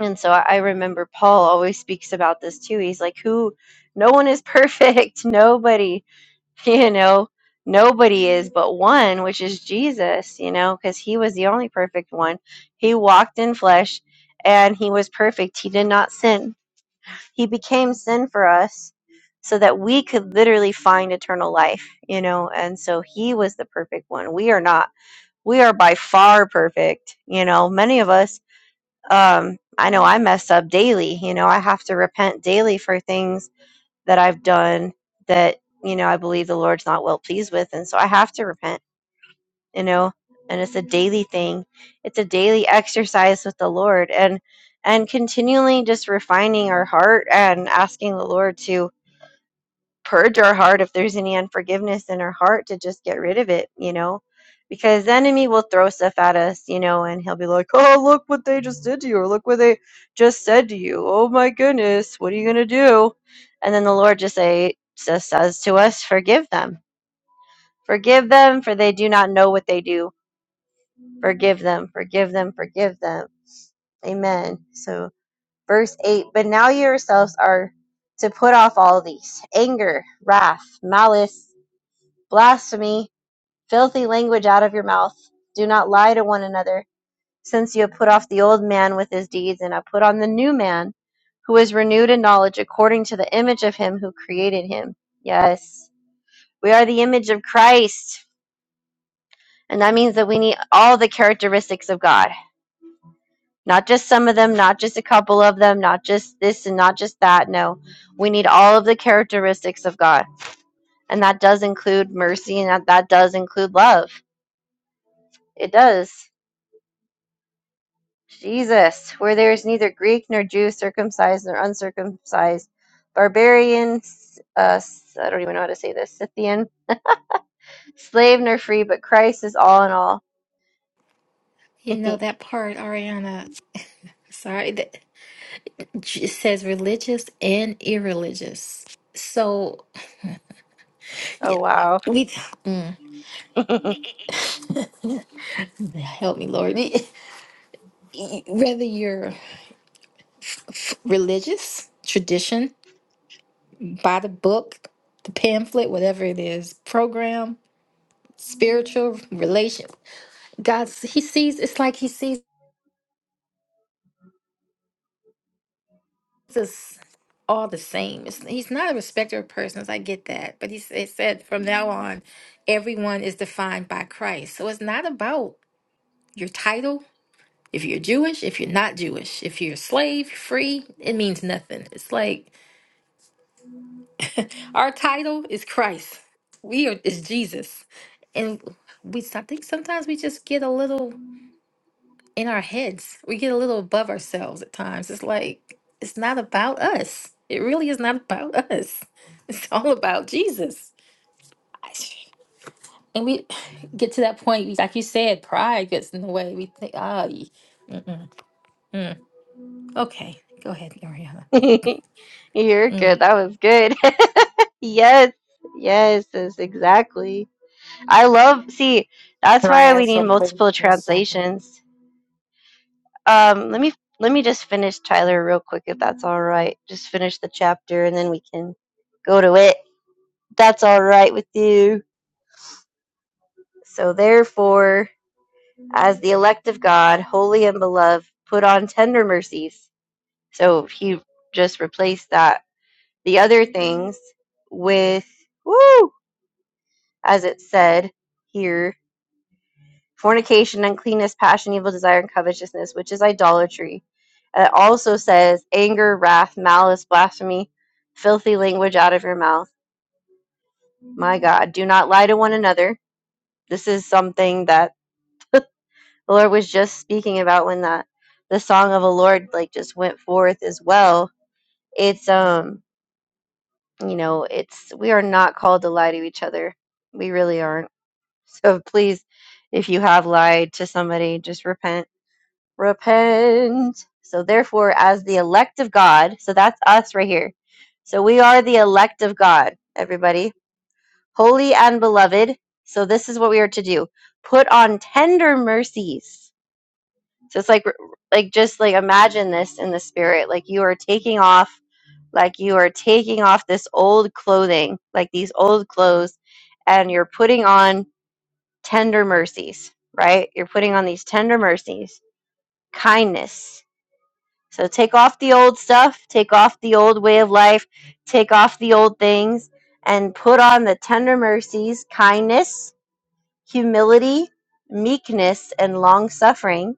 S1: And so I I remember Paul always speaks about this too. He's like, who, no one is perfect. Nobody you know nobody is but one which is jesus you know because he was the only perfect one he walked in flesh and he was perfect he did not sin he became sin for us so that we could literally find eternal life you know and so he was the perfect one we are not we are by far perfect you know many of us um i know i mess up daily you know i have to repent daily for things that I've done that, you know, I believe the Lord's not well pleased with. And so I have to repent, you know, and it's a daily thing. It's a daily exercise with the Lord and and continually just refining our heart and asking the Lord to purge our heart if there's any unforgiveness in our heart to just get rid of it, you know, because the enemy will throw stuff at us, you know, and he'll be like, oh, look what they just did to you, or look what they just said to you. Oh my goodness, what are you going to do? And then the Lord just, say, just says to us, forgive them, forgive them, for they do not know what they do. Forgive them, forgive them, forgive them. Amen. So, verse 8, but now yourselves are to put off all these anger, wrath, malice blasphemy, filthy language out of your mouth. Do not lie to one another, since you have put off the old man with his deeds, and have put on the new man, who is renewed in knowledge according to the image of him who created him. Yes, we are the image of Christ, and that means that we need all the characteristics of God. Not just some of them, not just a couple of them, not just this and not just that. No, we need all of the characteristics of God. And that does include mercy and that, that does include love. It does. Jesus, where there is neither Greek nor Jew, circumcised nor uncircumcised, barbarian, s- uh, s- I don't even know how to say this, Scythian, slave nor free, but Christ is all in all.
S3: You know that part, Ariana. Sorry, that it says religious and irreligious. So
S1: oh,
S3: yeah,
S1: wow.
S3: we mm. help me, Lord. Whether you're religious, tradition, by the book, the pamphlet, whatever it is, program spiritual relation. God, he sees, it's like he sees us all the same. It's, he's not a respecter of persons. I get that. But he, s- it said from now on, everyone is defined by Christ. So it's not about your title. If you're Jewish, if you're not Jewish, if you're a slave, free, it means nothing. It's like our title is Christ. We are is Jesus. And we I think sometimes we just get a little in our heads. We get a little above ourselves at times. It's like, it's not about us. It really is not about us. It's all about Jesus. I- And we get to that point, we- like you said, pride gets in the way. We think, ah, y- okay, go ahead, Ariana.
S1: You're good.
S3: Mm.
S1: That was good. yes, yes, yes, exactly. I love, see, that's
S4: Can I
S1: why we
S4: add
S1: need
S4: something?
S1: multiple
S4: in a second.
S1: translations. Um, let me. Let me just finish Tyler real quick, if that's all right. Just finish the chapter, and then we can go to it. that's all right with you. So therefore, as the elect of God, holy and beloved, put on tender mercies. So he just replaced that the other things with woo, as it said here, fornication, uncleanness, passion, evil desire, and covetousness, which is idolatry. And It also says anger, wrath, malice, blasphemy, filthy language out of your mouth. My God, do not lie to one another. This is something that the Lord was just speaking about when the the song of the Lord like just went forth as well. It's um you know it's we are not called to lie to each other. We really aren't. So please, if you have lied to somebody, just repent. Repent. So therefore, as the elect of God, so that's us right here. So we are the elect of God, everybody, holy and beloved. So this is what we are to do: put on tender mercies So it's like like just like imagine this in the spirit like you are taking off like you are taking off this old clothing, like these old clothes and you're putting on tender mercies, right? You're putting on these tender mercies, kindness. So take off the old stuff, take off the old way of life, take off the old things and put on the tender mercies, kindness, humility, meekness and long suffering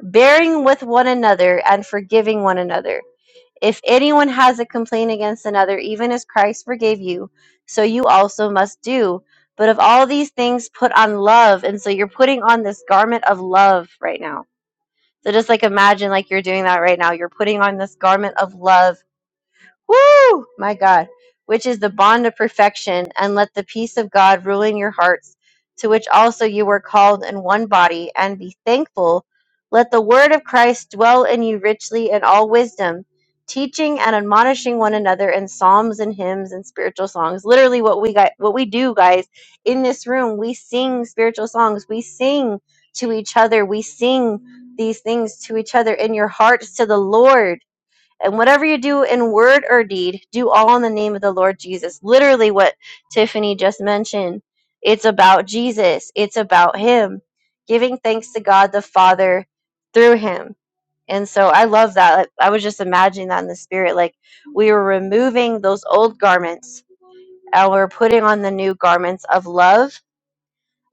S1: bearing with one another and forgiving one another. If anyone has a complaint against another, even as Christ forgave you, so you also must do. But of all these things, put on love. And so you're putting on this garment of love right now. So just like imagine like you're doing that right now. You're putting on this garment of love Woo! My God, which is the bond of perfection, and let the peace of God rule in your hearts, to which also you were called in one body, and be thankful. Let the word of Christ dwell in you richly in all wisdom, teaching and admonishing one another in psalms and hymns and spiritual songs. Literally, what we got, what we do, guys, in this room, we sing spiritual songs. We sing to each other. We sing these things to each other in your hearts to the Lord and whatever you do in word or deed, do all in the name of the Lord Jesus. Literally, what Tiffany just mentioned. It's about Jesus, it's about Him, giving thanks to God the Father through Him. And so I love that. Like, I was just imagining that in the spirit. Like we were removing those old garments and we're putting on the new garments of love,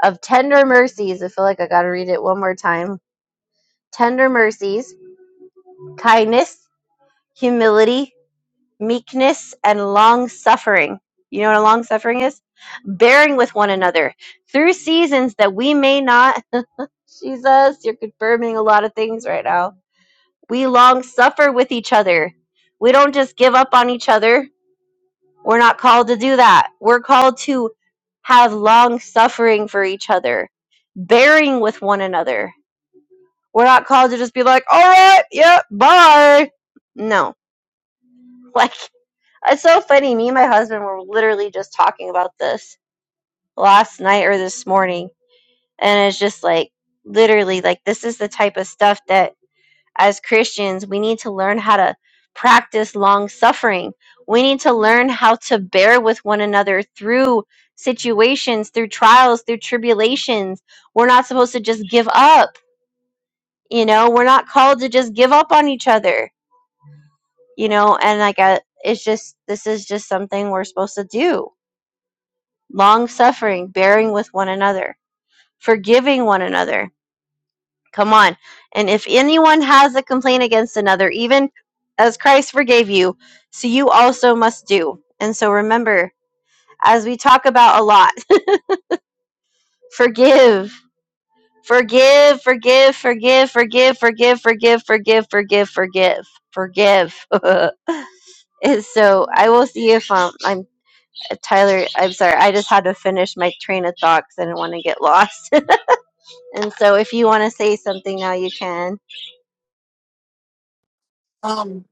S1: of tender mercies. I feel like I got to read it one more time. Tender mercies, kindness, humility, meekness, and long suffering. You know what a long suffering is? Bearing with one another through seasons that we may not. Jesus, you're confirming a lot of things right now. We long suffer with each other. We don't just give up on each other. We're not called to do that. We're called to have long suffering for each other, bearing with one another. We're not called to just be like, all right, yep, bye. No. like. It's so funny. Me and my husband were literally just talking about this last night or this morning. And it's just like, literally, like, this is the type of stuff that as Christians, we need to learn how to practice long suffering. We need to learn how to bear with one another through situations, through trials, through tribulations. We're not supposed to just give up. You know, we're not called to just give up on each other, you know, and like, I, it's just, this is just something we're supposed to do long suffering, bearing with one another, forgiving one another. Come on. And if anyone has a complaint against another, even as Christ forgave you, so you also must do. And so remember, as we talk about a lot, forgive. Forgive, forgive, forgive, forgive, forgive, forgive, forgive, forgive, forgive, forgive. And so I will see if um I'm Tyler. I'm sorry. I just had to finish my train of thoughts. I didn't want to get lost. And so if you want to say something now, you can.
S4: Um,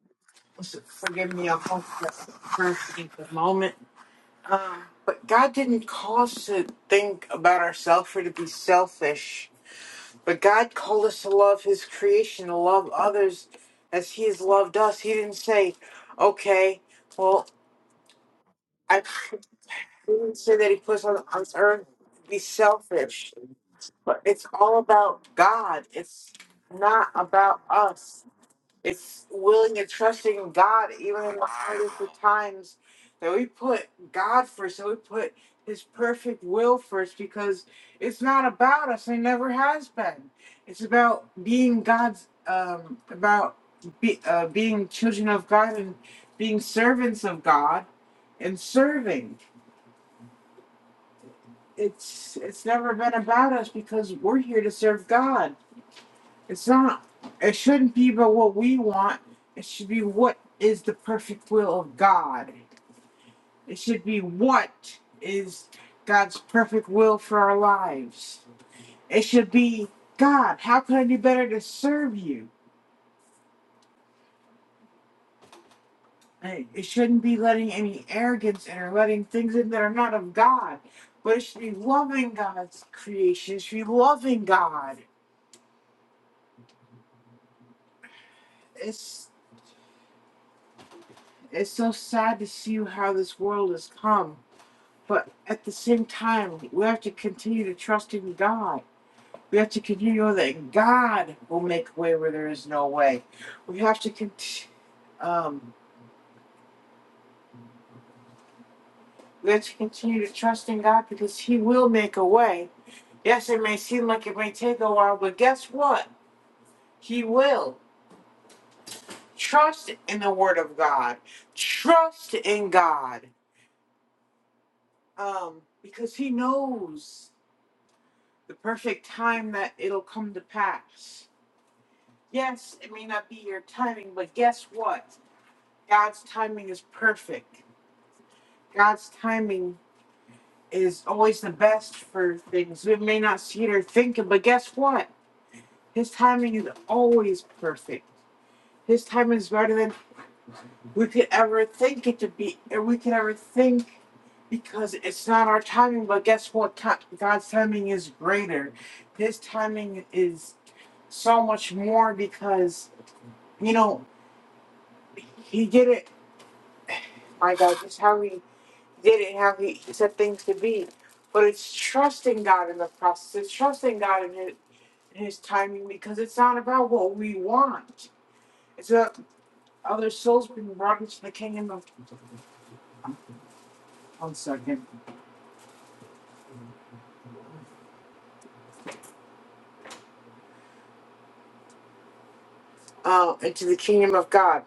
S4: forgive me, I'm off the first at the moment. But God didn't call us to think about ourselves or to be selfish. But God called us to love His creation, to love others as He has loved us. He didn't say, okay, well, I he didn't say that He put us on, on earth to be selfish. But it's all about God, it's not about us. It's willing and trusting God even in the hardest of times that we put God first, that we put His perfect will first because it's not about us. It never has been. It's about being God's, um, about be, uh, being children of God and being servants of God and serving. It's it's never been about us because we're here to serve God it's not. It shouldn't be about what we want. It should be what is the perfect will of God. It should be what is God's perfect will for our lives. It should be God. How could I do better to serve you? Hey, It shouldn't be letting any arrogance in or letting things in that are not of God. But it should be loving God's creation. It should be loving God. It's it's so sad to see how this world has come But at the same time, we have to continue to trust in God. We have to continue that God will make a way where there is no way. We have to continue. Um, we have to continue to trust in God because He will make a way. Yes, it may seem like it may take a while, but guess what? He will. Trust in the Word of God. Trust in God. Um, because He knows the perfect time that it'll come to pass. Yes, it may not be your timing, but guess what? God's timing is perfect. God's timing is always the best for things. We may not see it or think it, but guess what? His timing is always perfect. His timing is better than we could ever think it to be, or we could ever think because it's not our timing. But guess what? Ti- God's timing is greater. His timing is so much more because, you know, He did it my God, just how He did it, how He set things to be. But it's trusting God in the process. It's trusting God in His, his timing because it's not about what we want. It's about other souls being brought into the kingdom of one second. Uh, into the kingdom of God.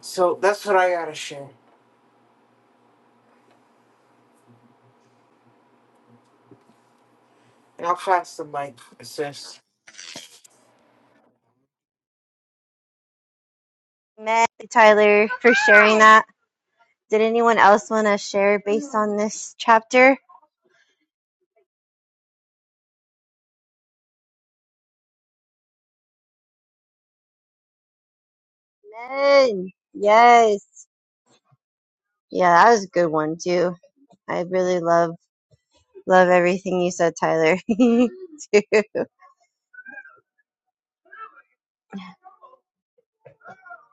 S4: So that's what I gotta share. And I'll pass the mic, sis.
S1: Amen, Tyler, for sharing that. Did anyone else want to share based on this chapter? Amen. Yes. Yeah, that was a good one too. I really love love everything you said, Tyler. too.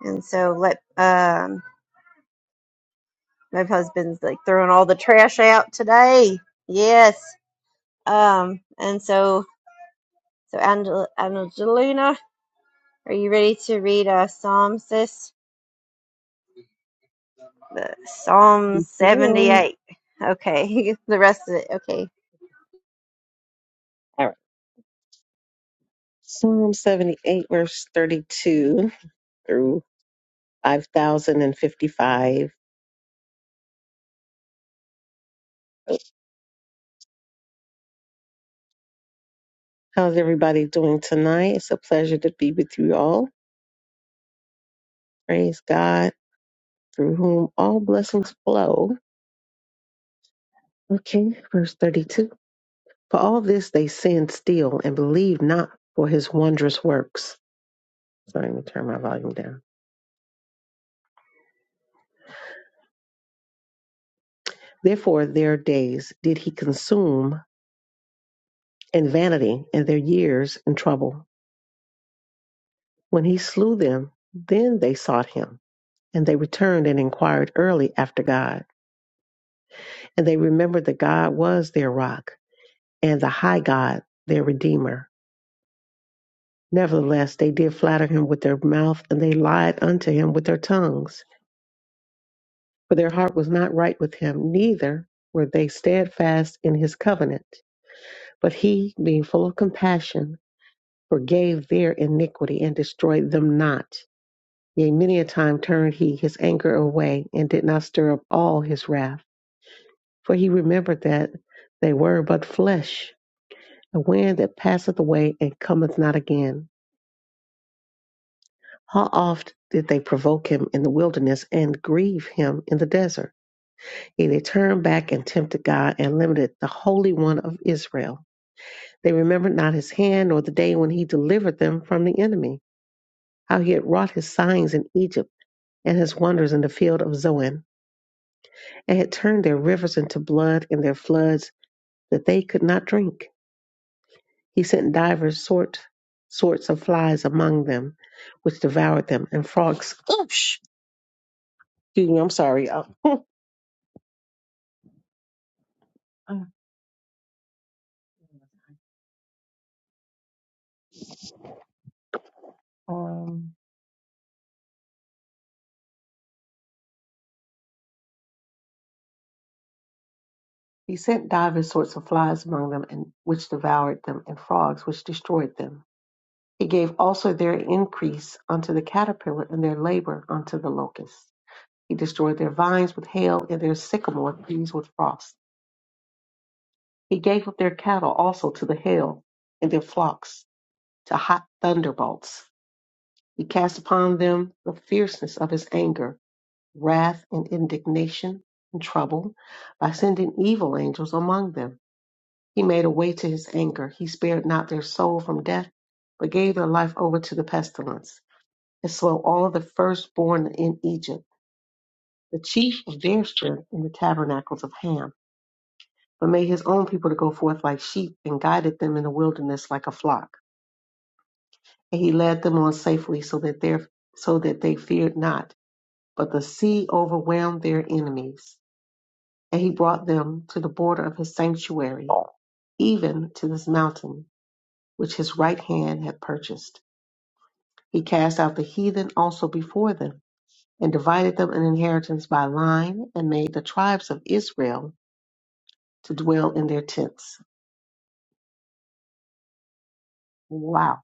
S1: And so let um my husband's like throwing all the trash out today. Yes. Um, and so, so Angel- Angelina, are you ready to read uh, Psalm, sis? The- Psalm
S5: Yes, ma'am.
S1: 78. Okay, the rest of it. Okay.
S5: All right. Psalm 78, verse 32 through 5,055. How's everybody doing tonight? It's a pleasure to be with you all. Praise God, through whom all blessings flow. Okay, verse 32. For all this they sinned still and believe not for his wondrous works. Sorry, let me turn my volume down. Therefore, their days did he consume in vanity, and their years in trouble. When he slew them, then they sought him, and they returned and inquired early after God. And they remembered that God was their rock, and the high God their redeemer. Nevertheless, they did flatter him with their mouth, and they lied unto him with their tongues. For their heart was not right with him, neither were they steadfast in his covenant. But he, being full of compassion, forgave their iniquity and destroyed them not. Yea, many a time turned he his anger away, and did not stir up all his wrath. For he remembered that they were but flesh, a wind that passeth away and cometh not again. How oft did they provoke him in the wilderness and grieve him in the desert? Yea, they turned back and tempted God and limited the Holy One of Israel. They remembered not his hand nor the day when he delivered them from the enemy, how he had wrought his signs in Egypt and his wonders in the field of Zoan and had turned their rivers into blood and their floods that they could not drink. He sent divers sort, sorts of flies among them, which devoured them, and frogs. Oosh! Excuse me, I'm sorry. Uh, uh, um, he sent divers sorts of flies among them, and which devoured them, and frogs, which destroyed them. He gave also their increase unto the caterpillar, and their labor unto the locust. He destroyed their vines with hail, and their sycamore trees with frost. He gave up their cattle also to the hail, and their flocks to hot thunderbolts. He cast upon them the fierceness of his anger, wrath, and indignation and trouble by sending evil angels among them. He made a way to his anger. He spared not their soul from death, but gave their life over to the pestilence, and slew all the firstborn in Egypt, the chief of their strength in the tabernacles of Ham, but made his own people to go forth like sheep, and guided them in the wilderness like a flock. and he led them on safely so that their so that they feared not. But the sea overwhelmed their enemies, and he brought them to the border of his sanctuary, even to this mountain which his right hand had purchased. He cast out the heathen also before them, and divided them an inheritance by line, and made the tribes of Israel to dwell in their tents. Wow.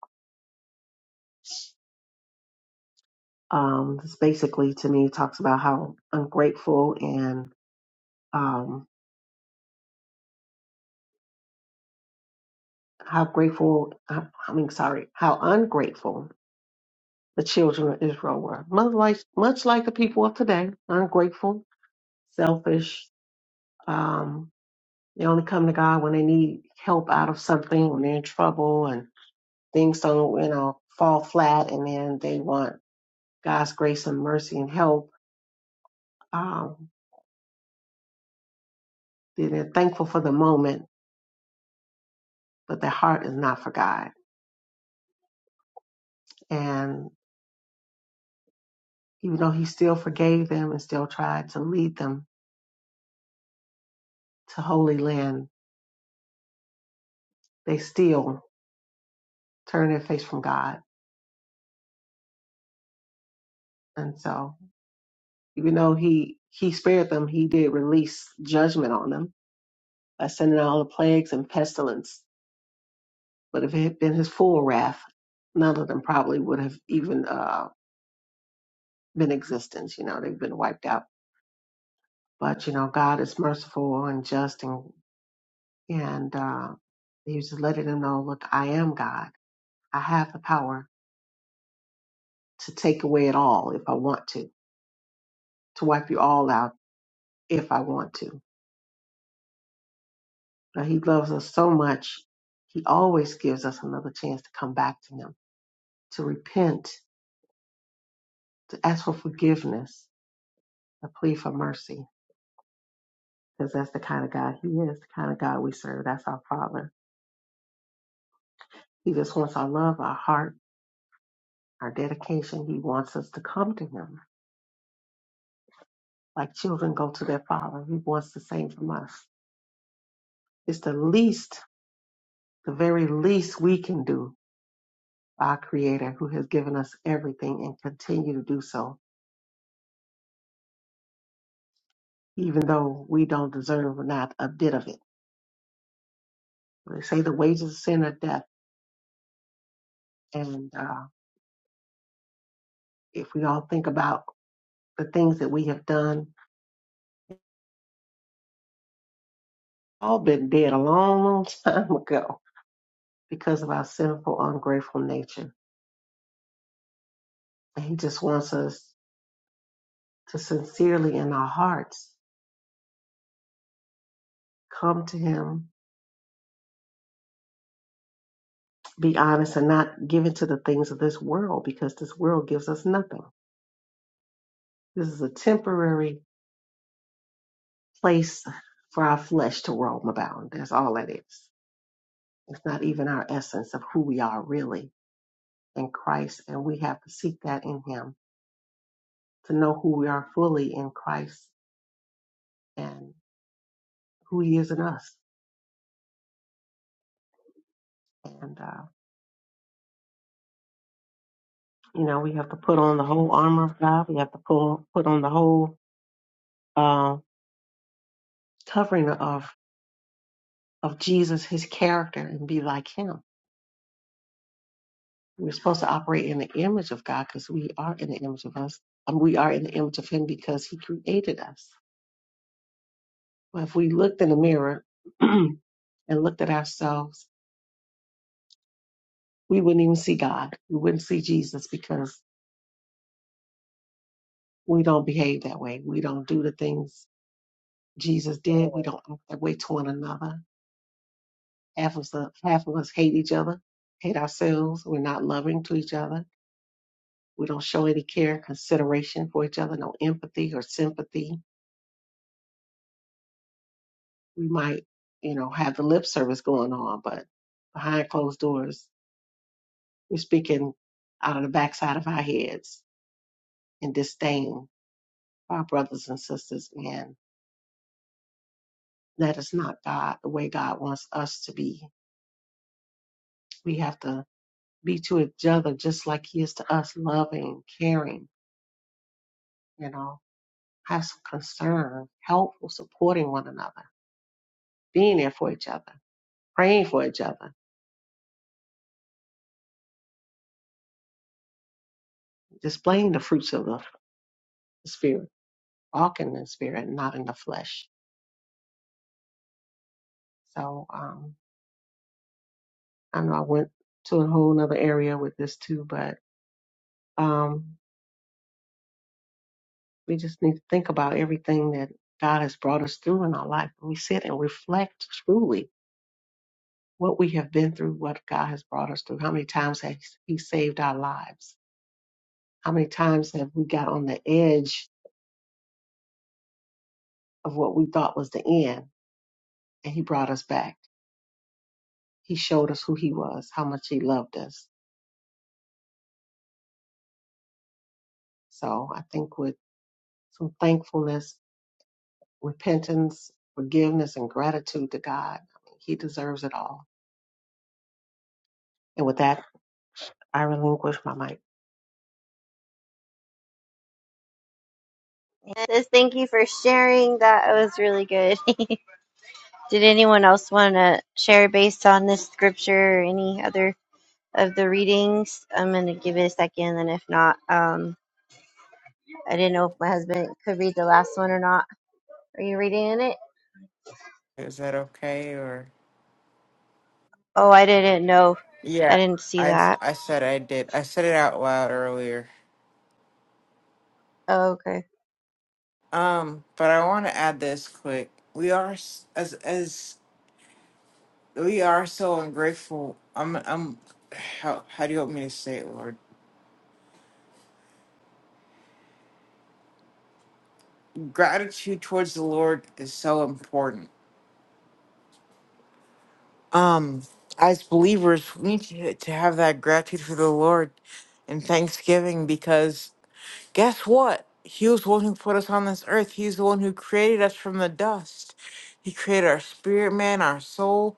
S5: Um, this basically to me talks about how ungrateful and um, how grateful, I I mean, sorry, how ungrateful the children of Israel were. Much like, much like the people of today, ungrateful, selfish. Um, they only come to God when they need help out of something, when they're in trouble and things don't, you know, fall flat. And then they want God's grace and mercy and help. Um, then they're thankful for the moment, but their heart is not for God. And even though He still forgave them and still tried to lead them to Holy Land, they still turn their face from God. And so, even though he he spared them, he did release judgment on them by sending all the plagues and pestilence. But if it had been his full wrath, none of them probably would have even uh, been existence. You know, they've been wiped out. But you know, God is merciful and just, and and uh, he was just letting them know, look, I am God. I have the power to take away it all if I want to, to wipe you all out if I want to But he loves us so much, he always gives us another chance to come back to him, to repent, to ask for forgiveness, to plead for mercy, because that's the kind of God he is, the kind of God we serve. That's our Father. He just wants our love, our heart, our dedication. He wants us to come to him like children go to their Father. He wants the same from us. It's the least, the very least we can do, our Creator who has given us everything and continue to do so even though we don't deserve not a bit of it. They say the wages of sin are death. And uh, if we all think about the things that we have done, all been dead a long, long time ago because of our sinful, ungrateful nature. And he just wants us to sincerely in our hearts come to him, be honest, and not give into the things of this world because this world gives us nothing. This is a temporary place for our flesh to roam about. That's all it is. It's not even our essence of who we are really in Christ. And we have to seek that in Him to know who we are fully in Christ and who He is in us. And, uh, you know, we have to put on the whole armor of God. We have to pull, put on the whole uh, covering of, of Jesus, His character, and be like Him. We're supposed to operate in the image of God because we are in the image of us. And we are in the image of Him because He created us. But if we looked in the mirror and looked at ourselves we wouldn't even see God. We wouldn't see Jesus because we don't behave that way. We don't do the things Jesus did. We don't act that way to one another. Half of us, half of us hate each other, hate ourselves. We're not loving to each other. We don't show any care, consideration for each other, no empathy or sympathy. We might, you know, have the lip service going on, but behind closed doors, we're speaking out of the backside of our heads in disdain for our brothers and sisters and That is not God, the way God wants us to be. We have to be to each other just like He is to us, loving, caring, you know, have some concern, helpful, supporting one another, being there for each other, praying for each other, displaying the fruits of the Spirit, walking in the Spirit, not in the flesh. So um, I know I went to a whole other area with this too, but um, we just need to think about everything that God has brought us through in our life. We sit and reflect truly what we have been through, what God has brought us through. How many times has He saved our lives? How many times have we got on the edge of what we thought was the end and He brought us back? He showed us who He was, how much He loved us. So I think with some thankfulness, repentance, forgiveness, and gratitude to God, He deserves it all. And with that, I relinquish my mic.
S1: It says, thank you for sharing that. That was really good. Did anyone else want to share based on this scripture or any other of the readings? I'm going to give it a second, and if not, um, I didn't know if my husband could read the last one or not. Are you reading in it?
S4: Is that okay? Or
S1: Oh, I didn't know. I
S4: yeah,
S1: didn't see
S4: I
S1: that.
S4: I said I did. I said it out loud earlier.
S1: Oh, okay.
S4: Um, but I want to add this quick. We are s- as as we are so ungrateful. I'm I'm how how do you want me to say it, Lord? Gratitude towards the Lord is so important. Um, as believers, we need to, to have that gratitude for the Lord and thanksgiving because guess what? He was the one who put us on this earth. He's the one who created us from the dust. He created our spirit man, our soul,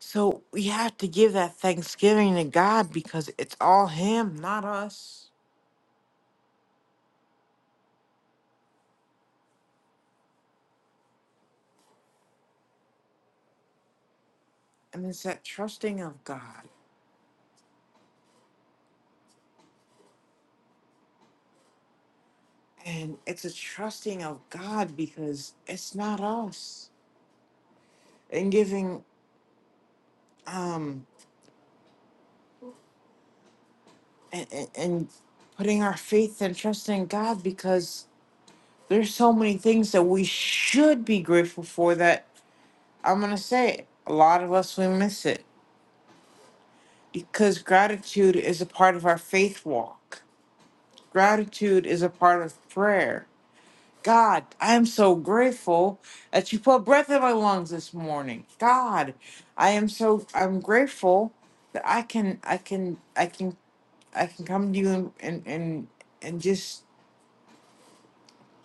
S4: So we have to give that thanksgiving to God because it's all Him, not us. And it's that trusting of God. And it's a trusting of God because it's not us. And giving um and, and, and putting our faith and trust in God because there's so many things that we should be grateful for that I'm gonna say it, a lot of us we miss it. Because gratitude is a part of our faith walk. Gratitude is a part of prayer God, I am so grateful that you put breath in my lungs this morning. God, I am so I'm grateful that I can I can I can I can come to you and and and, and just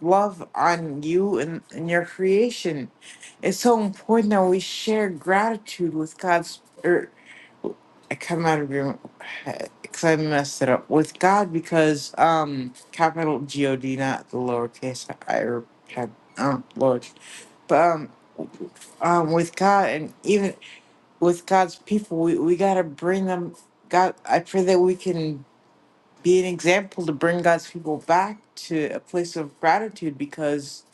S4: love on you and, and your creation. It's so important that we share gratitude with God's er, I come out of your because I messed it up with God because um capital G O D not the lowercase I or had um Lord, but um um with God and even with God's people we we gotta bring them God I pray that we can be an example to bring God's people back to a place of gratitude because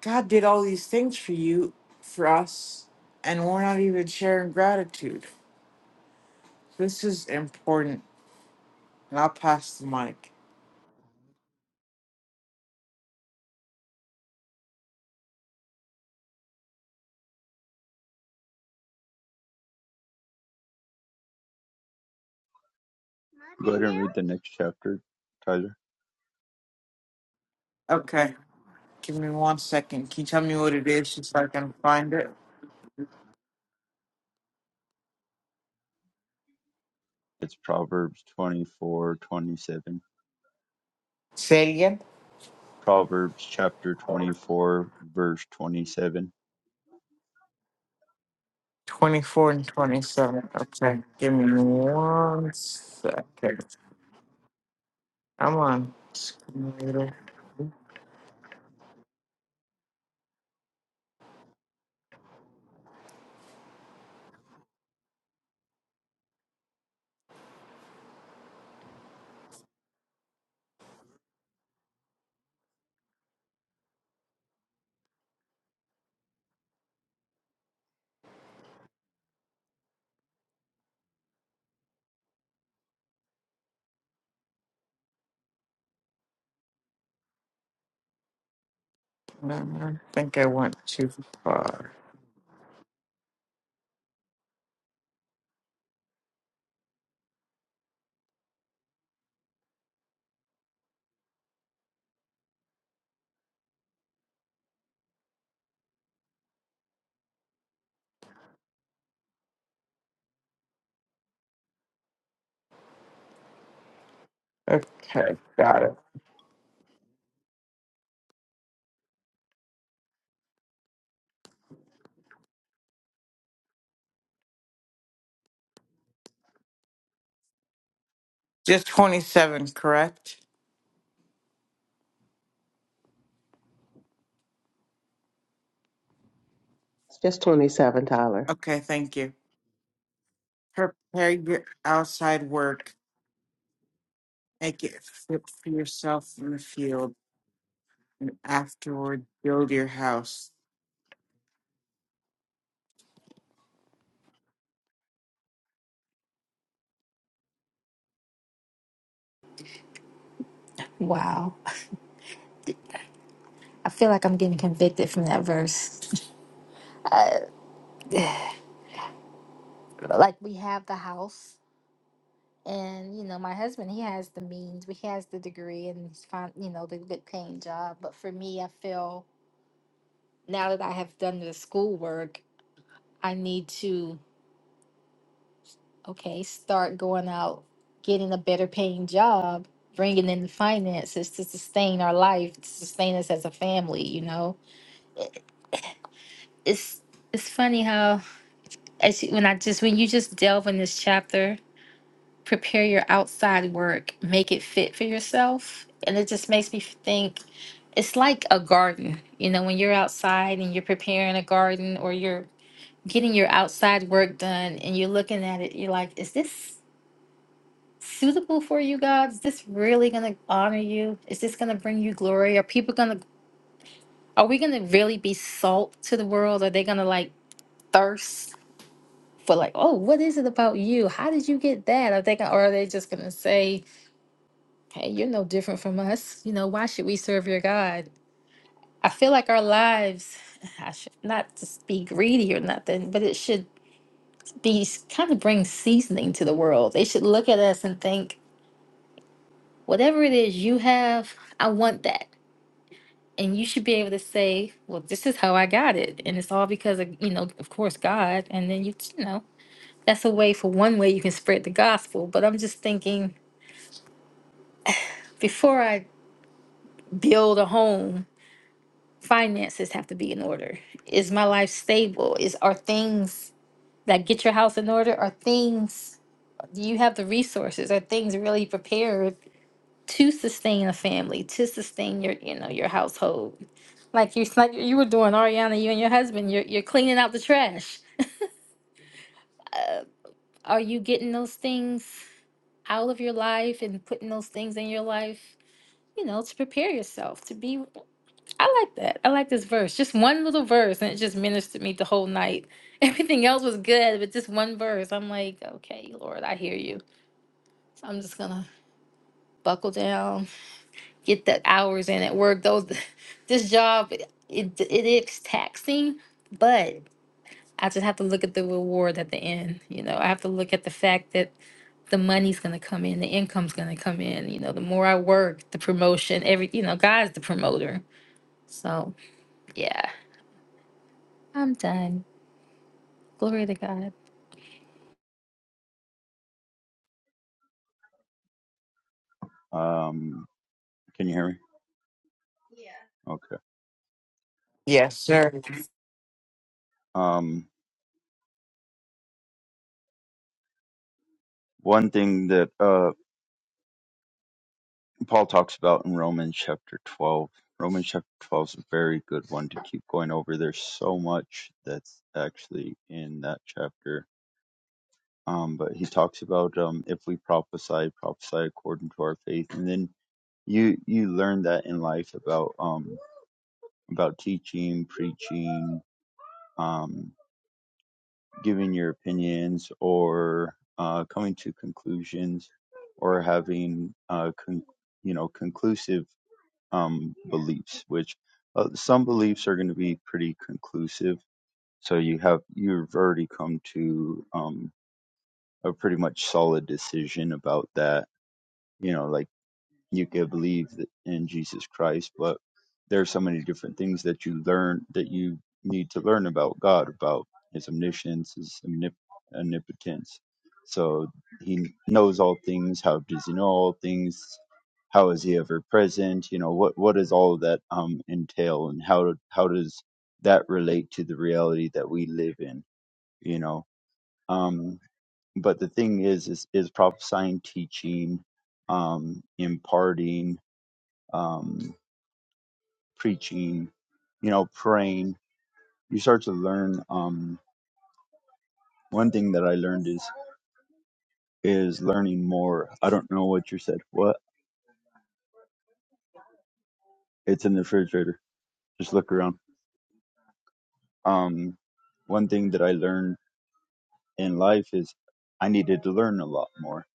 S4: God did all these things for you for us and we're not even sharing gratitude. This is important and I'll pass the mic.
S2: Go ahead and read the next chapter, Tyler.
S4: Okay. Give me one second. Can you tell me what it is just so I can find it?
S2: It's Proverbs 24:27.
S4: Say it again.
S2: Proverbs chapter 24, verse 27.
S4: 24 and 27. Okay. Give me one second. I'm on. Scooter. No, I think I went too far. Okay. Got it. Just 27, correct?
S5: It's just 27, Tyler.
S4: Okay. Thank you. Prepare your outside work. Make it fit for yourself in the field. And afterward, build your house.
S3: Wow. I feel like I'm getting convicted from that verse. like we have the house. And you know, my husband, he has the means, he has the degree, and he's fine, you know, the good paying job. But for me, I feel now that I have done the schoolwork, I need to, okay, start going out, getting a better paying job, bringing in the finances to sustain our life, to sustain us as a family, you know? I- It's it's funny how as you, when I just when you just delve in this chapter, prepare your outside work, make it fit for yourself, and it just makes me think it's like a garden. You know, when you're outside and you're preparing a garden or you're getting your outside work done and you're looking at it, you're like, is this suitable for you, God? Is this really going to honor you? Is this going to bring you glory? Are people going to, are we going to really be salt to the world? Are they going to like thirst for like, oh, what is it about you? How did you get that? Are they gonna, or are they just going to say, hey, you're no different from us. You know, why should we serve your God? I feel like our lives, I should not just be greedy or nothing, but it should these kind of bring seasoning to the world. They should look at us and think, whatever it is you have, I want that. And you should be able to say, well, this is how I got it. And it's all because of, you know, of course, God. And then you, you know, that's a way for one way you can spread the gospel. But I'm just thinking, before I build a home, finances have to be in order. Is my life stable? Is are things that get your house in order? Are things do you have the resources? Are things really prepared to sustain a family, to sustain your, you know, your household. Like you, like you were doing, Ariana, you and your husband, you're you're cleaning out the trash. Uh, are you getting those things out of your life and putting those things in your life? You know, to prepare yourself to be. I like that. I like this verse. Just one little verse, and it just ministered me the whole night. Everything else was good, but just one verse. I'm like, okay, Lord, I hear you. So I'm just gonna buckle down get the hours in at work. Those this job it it is taxing, but I just have to look at the reward at the end. You know, I have to look at the fact that the money's gonna come in, the income's gonna come in. You know, the more I work, the promotion, every you know, God's the promoter. So yeah, I'm done. Glory to God.
S2: Um, can you hear me? Yeah. Okay.
S4: Yes, sir.
S2: Um, one thing that uh, Paul talks about in Romans chapter 12. Romans chapter 12 is a very good one to keep going over. There's so much that's actually in that chapter. Um, but he talks about um, if we prophesy, prophesy according to our faith, and then you you learn that in life about um, about teaching, preaching, um, giving your opinions, or uh, coming to conclusions, or having uh, con- you know conclusive um, beliefs, which uh, some beliefs are going to be pretty conclusive. So you have you've already come to um, a pretty much solid decision about that. You know, like you can believe th- in Jesus Christ, but there are so many different things that you learn that you need to learn about God, about His omniscience, His omnip- omnipotence. So He knows all things. How does He know all things? How is He ever present? You know what what does all of that um entail, and how how does that relate to the reality that we live in? You know, um, but the thing is, is is prophesying, teaching, um, imparting um, preaching, you know, praying. You start to learn. Um, one thing that I learned is is learning more. I don't know what you said. What? It's in the refrigerator. Just look around. Um, one thing that I learned in life is I needed to learn a lot more.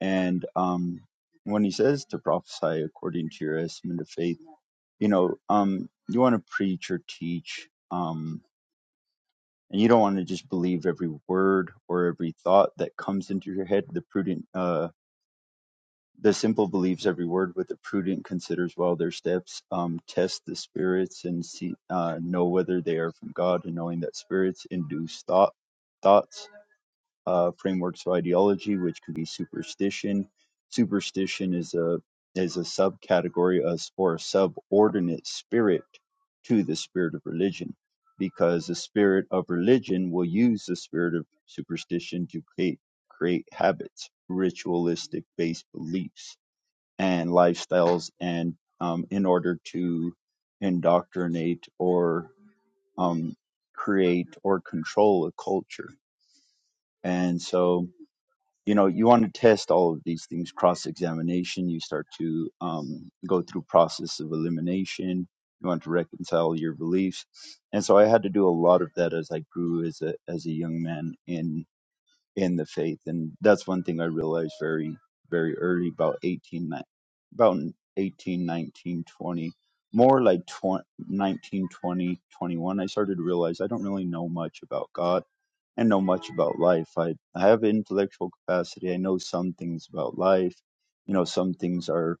S2: And um, when he says to prophesy according to your estimate of faith, you know, um, you want to preach or teach. um. and you don't want to just believe every word or every thought that comes into your head the prudent uh the simple believes every word but the prudent considers well their steps um test the spirits and see uh know whether they are from god and knowing that spirits induce thought thoughts uh, frameworks of ideology, which could be superstition. Superstition is a is a subcategory as or a subordinate spirit to the spirit of religion, because the spirit of religion will use the spirit of superstition to create create habits, ritualistic based beliefs and lifestyles, and um, in order to indoctrinate or um, create or control a culture. And so you know you want to test all of these things cross examination you start to um, go through process of elimination you want to reconcile your beliefs and so i had to do a lot of that as i grew as a as a young man in in the faith and that's one thing i realized very very early about 18 ni- about 18, 19, 20, more like 20 19, 20 21. i started to realize i don't really know much about god and know much about life. I, I have intellectual capacity. I know some things about life. You know, some things are,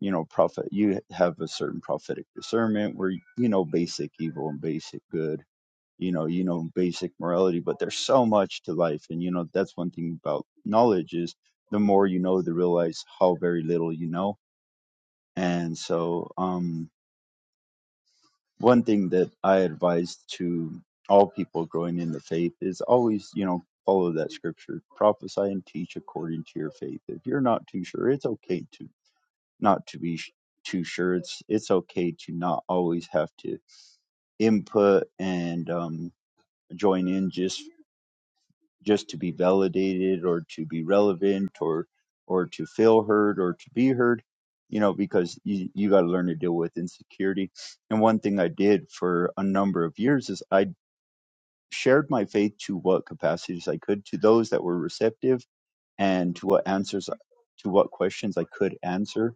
S2: you know, prophet. You have a certain prophetic discernment where you know basic evil and basic good. You know, you know basic morality, but there's so much to life, and you know that's one thing about knowledge is the more you know, the realize how very little you know. And so, um, one thing that I advise to all people growing in the faith is always, you know, follow that scripture, prophesy and teach according to your faith. If you're not too sure, it's okay to not to be sh- too sure. It's it's okay to not always have to input and um, join in just just to be validated or to be relevant or or to feel heard or to be heard you know because you you got to learn to deal with insecurity and one thing i did for a number of years is i shared my faith to what capacities i could to those that were receptive and to what answers to what questions i could answer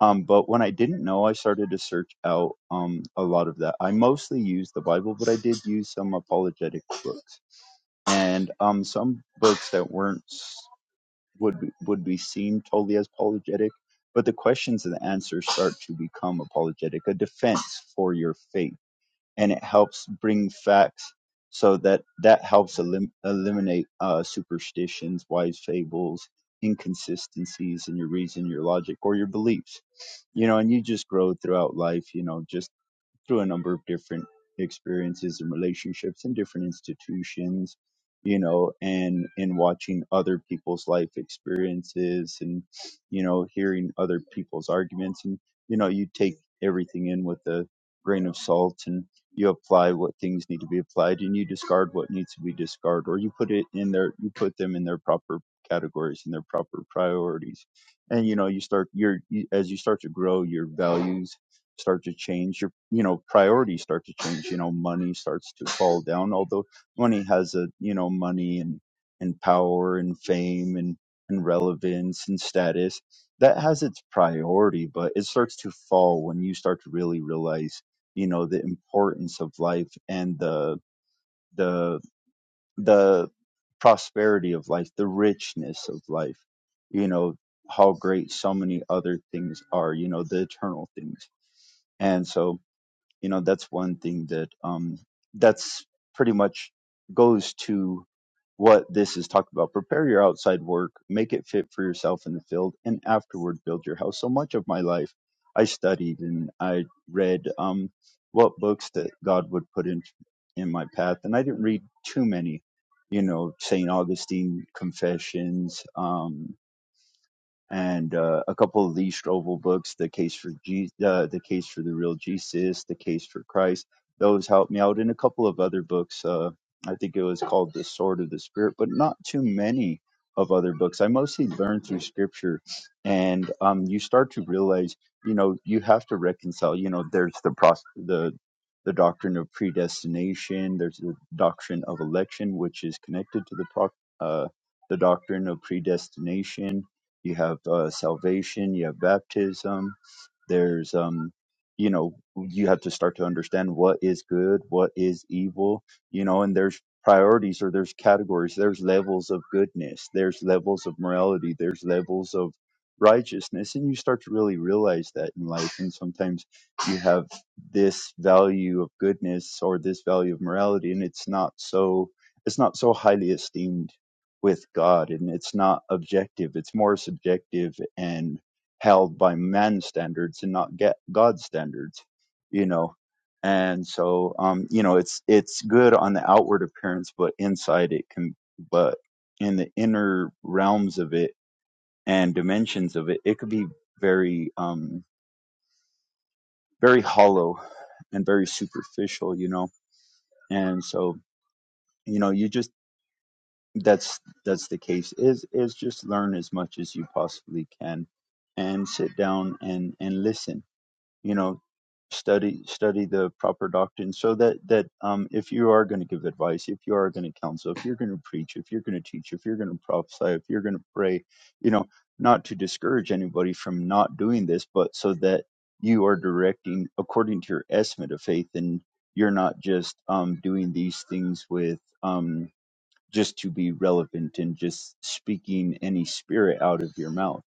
S2: um, but when i didn't know i started to search out um, a lot of that i mostly used the bible but i did use some apologetic books and um, some books that weren't s- would be- would be seen totally as apologetic, but the questions and the answers start to become apologetic, a defense for your faith, and it helps bring facts so that that helps elim- eliminate uh, superstitions, wise fables, inconsistencies in your reason, your logic, or your beliefs. You know, and you just grow throughout life. You know, just through a number of different experiences and relationships in different institutions you know and in watching other people's life experiences and you know hearing other people's arguments and you know you take everything in with a grain of salt and you apply what things need to be applied and you discard what needs to be discarded or you put it in their you put them in their proper categories and their proper priorities and you know you start your you, as you start to grow your values start to change your you know priorities start to change you know money starts to fall down although money has a you know money and and power and fame and and relevance and status that has its priority but it starts to fall when you start to really realize you know the importance of life and the the the prosperity of life the richness of life you know how great so many other things are you know the eternal things and so you know that's one thing that um that's pretty much goes to what this is talking about prepare your outside work make it fit for yourself in the field and afterward build your house so much of my life i studied and i read um what books that god would put in in my path and i didn't read too many you know st augustine confessions um and uh, a couple of Lee Strobel books, The Case for G, uh, The Case for the Real Jesus, The Case for Christ. Those helped me out, and a couple of other books. Uh, I think it was called The Sword of the Spirit, but not too many of other books. I mostly learned through Scripture, and um, you start to realize, you know, you have to reconcile. You know, there's the pros- the the doctrine of predestination. There's the doctrine of election, which is connected to the pro- uh, the doctrine of predestination you have uh, salvation. You have baptism there's um you know you have to start to understand what is good what is evil you know and there's priorities or there's categories there's levels of goodness there's levels of morality there's levels of righteousness and you start to really realize that in life and sometimes you have this value of goodness or this value of morality and it's not so it's not so highly esteemed with god and it's not objective it's more subjective and held by man's standards and not get God's standards, you know. And so, um, you know, it's it's good on the outward appearance, but inside it can, but in the inner realms of it and dimensions of it, it could be very, um, very hollow and very superficial, you know. And so, you know, you just that's that's the case is is just learn as much as you possibly can and sit down and and listen you know study study the proper doctrine so that that um, if you are going to give advice if you are going to counsel if you're going to preach if you're going to teach if you're going to prophesy if you're going to pray you know not to discourage anybody from not doing this but so that you are directing according to your estimate of faith and you're not just um, doing these things with um, just to be relevant and just speaking any spirit out of your mouth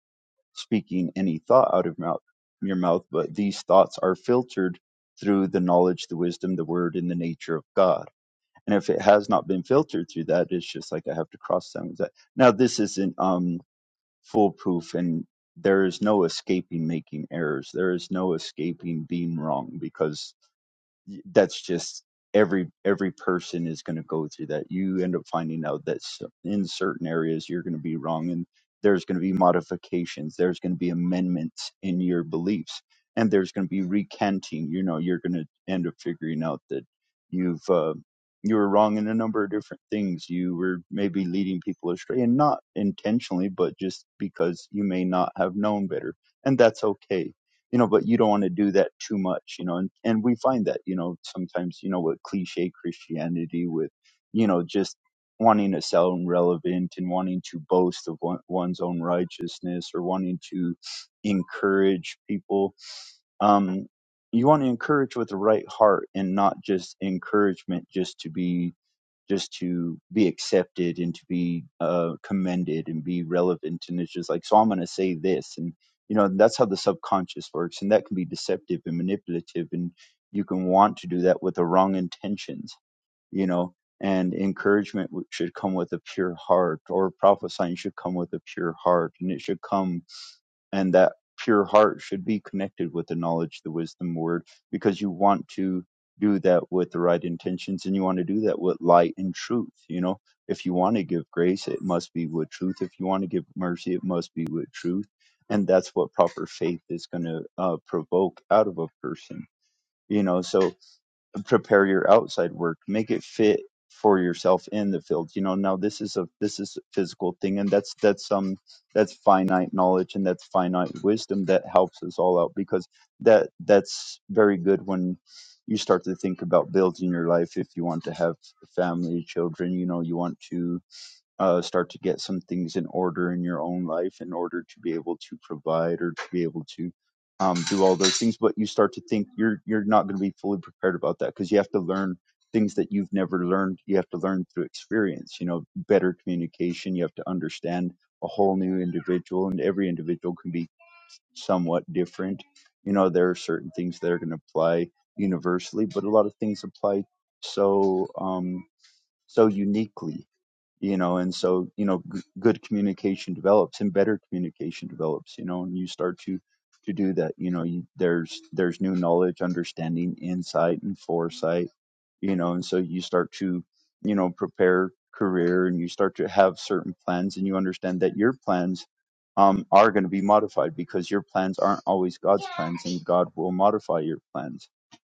S2: speaking any thought out of mouth, your mouth, but these thoughts are filtered through the knowledge, the wisdom, the word, and the nature of God. And if it has not been filtered through that, it's just like I have to cross examine that. Now, this isn't um, foolproof, and there is no escaping making errors. There is no escaping being wrong because that's just every every person is going to go through that you end up finding out that s- in certain areas you're going to be wrong and there's going to be modifications there's going to be amendments in your beliefs and there's going to be recanting you know you're going to end up figuring out that you've uh, you were wrong in a number of different things you were maybe leading people astray and not intentionally but just because you may not have known better and that's okay you know, but you don't want to do that too much, you know, and, and we find that, you know, sometimes, you know, with cliche Christianity with, you know, just wanting to sound relevant and wanting to boast of one, one's own righteousness or wanting to encourage people. Um, you want to encourage with the right heart and not just encouragement just to be just to be accepted and to be uh, commended and be relevant. And it's just like, so I'm going to say this. And, you know, that's how the subconscious works. And that can be deceptive and manipulative. And you can want to do that with the wrong intentions, you know. And encouragement should come with a pure heart, or prophesying should come with a pure heart. And it should come and that pure heart should be connected with the knowledge, the wisdom word, because you want to do that with the right intentions and you want to do that with light and truth. You know, if you want to give grace, it must be with truth. If you want to give mercy, it must be with truth. And that's what proper faith is going to uh, provoke out of a person. You know, so prepare your outside work make it fit for yourself in the field you know now this is a this is a physical thing and that's that's um that's finite knowledge and that's finite wisdom that helps us all out because that that's very good when you start to think about building your life if you want to have family children you know you want to uh, start to get some things in order in your own life in order to be able to provide or to be able to um, do all those things. But you start to think you're you're not going to be fully prepared about that because you have to learn things that you've never learned. You have to learn through experience. You know, better communication. You have to understand a whole new individual, and every individual can be somewhat different. You know, there are certain things that are going to apply universally, but a lot of things apply so um, so uniquely you know and so you know g- good communication develops and better communication develops you know and you start to to do that you know you, there's there's new knowledge understanding insight and foresight you know and so you start to you know prepare career and you start to have certain plans and you understand that your plans um, are going to be modified because your plans aren't always god's plans and god will modify your plans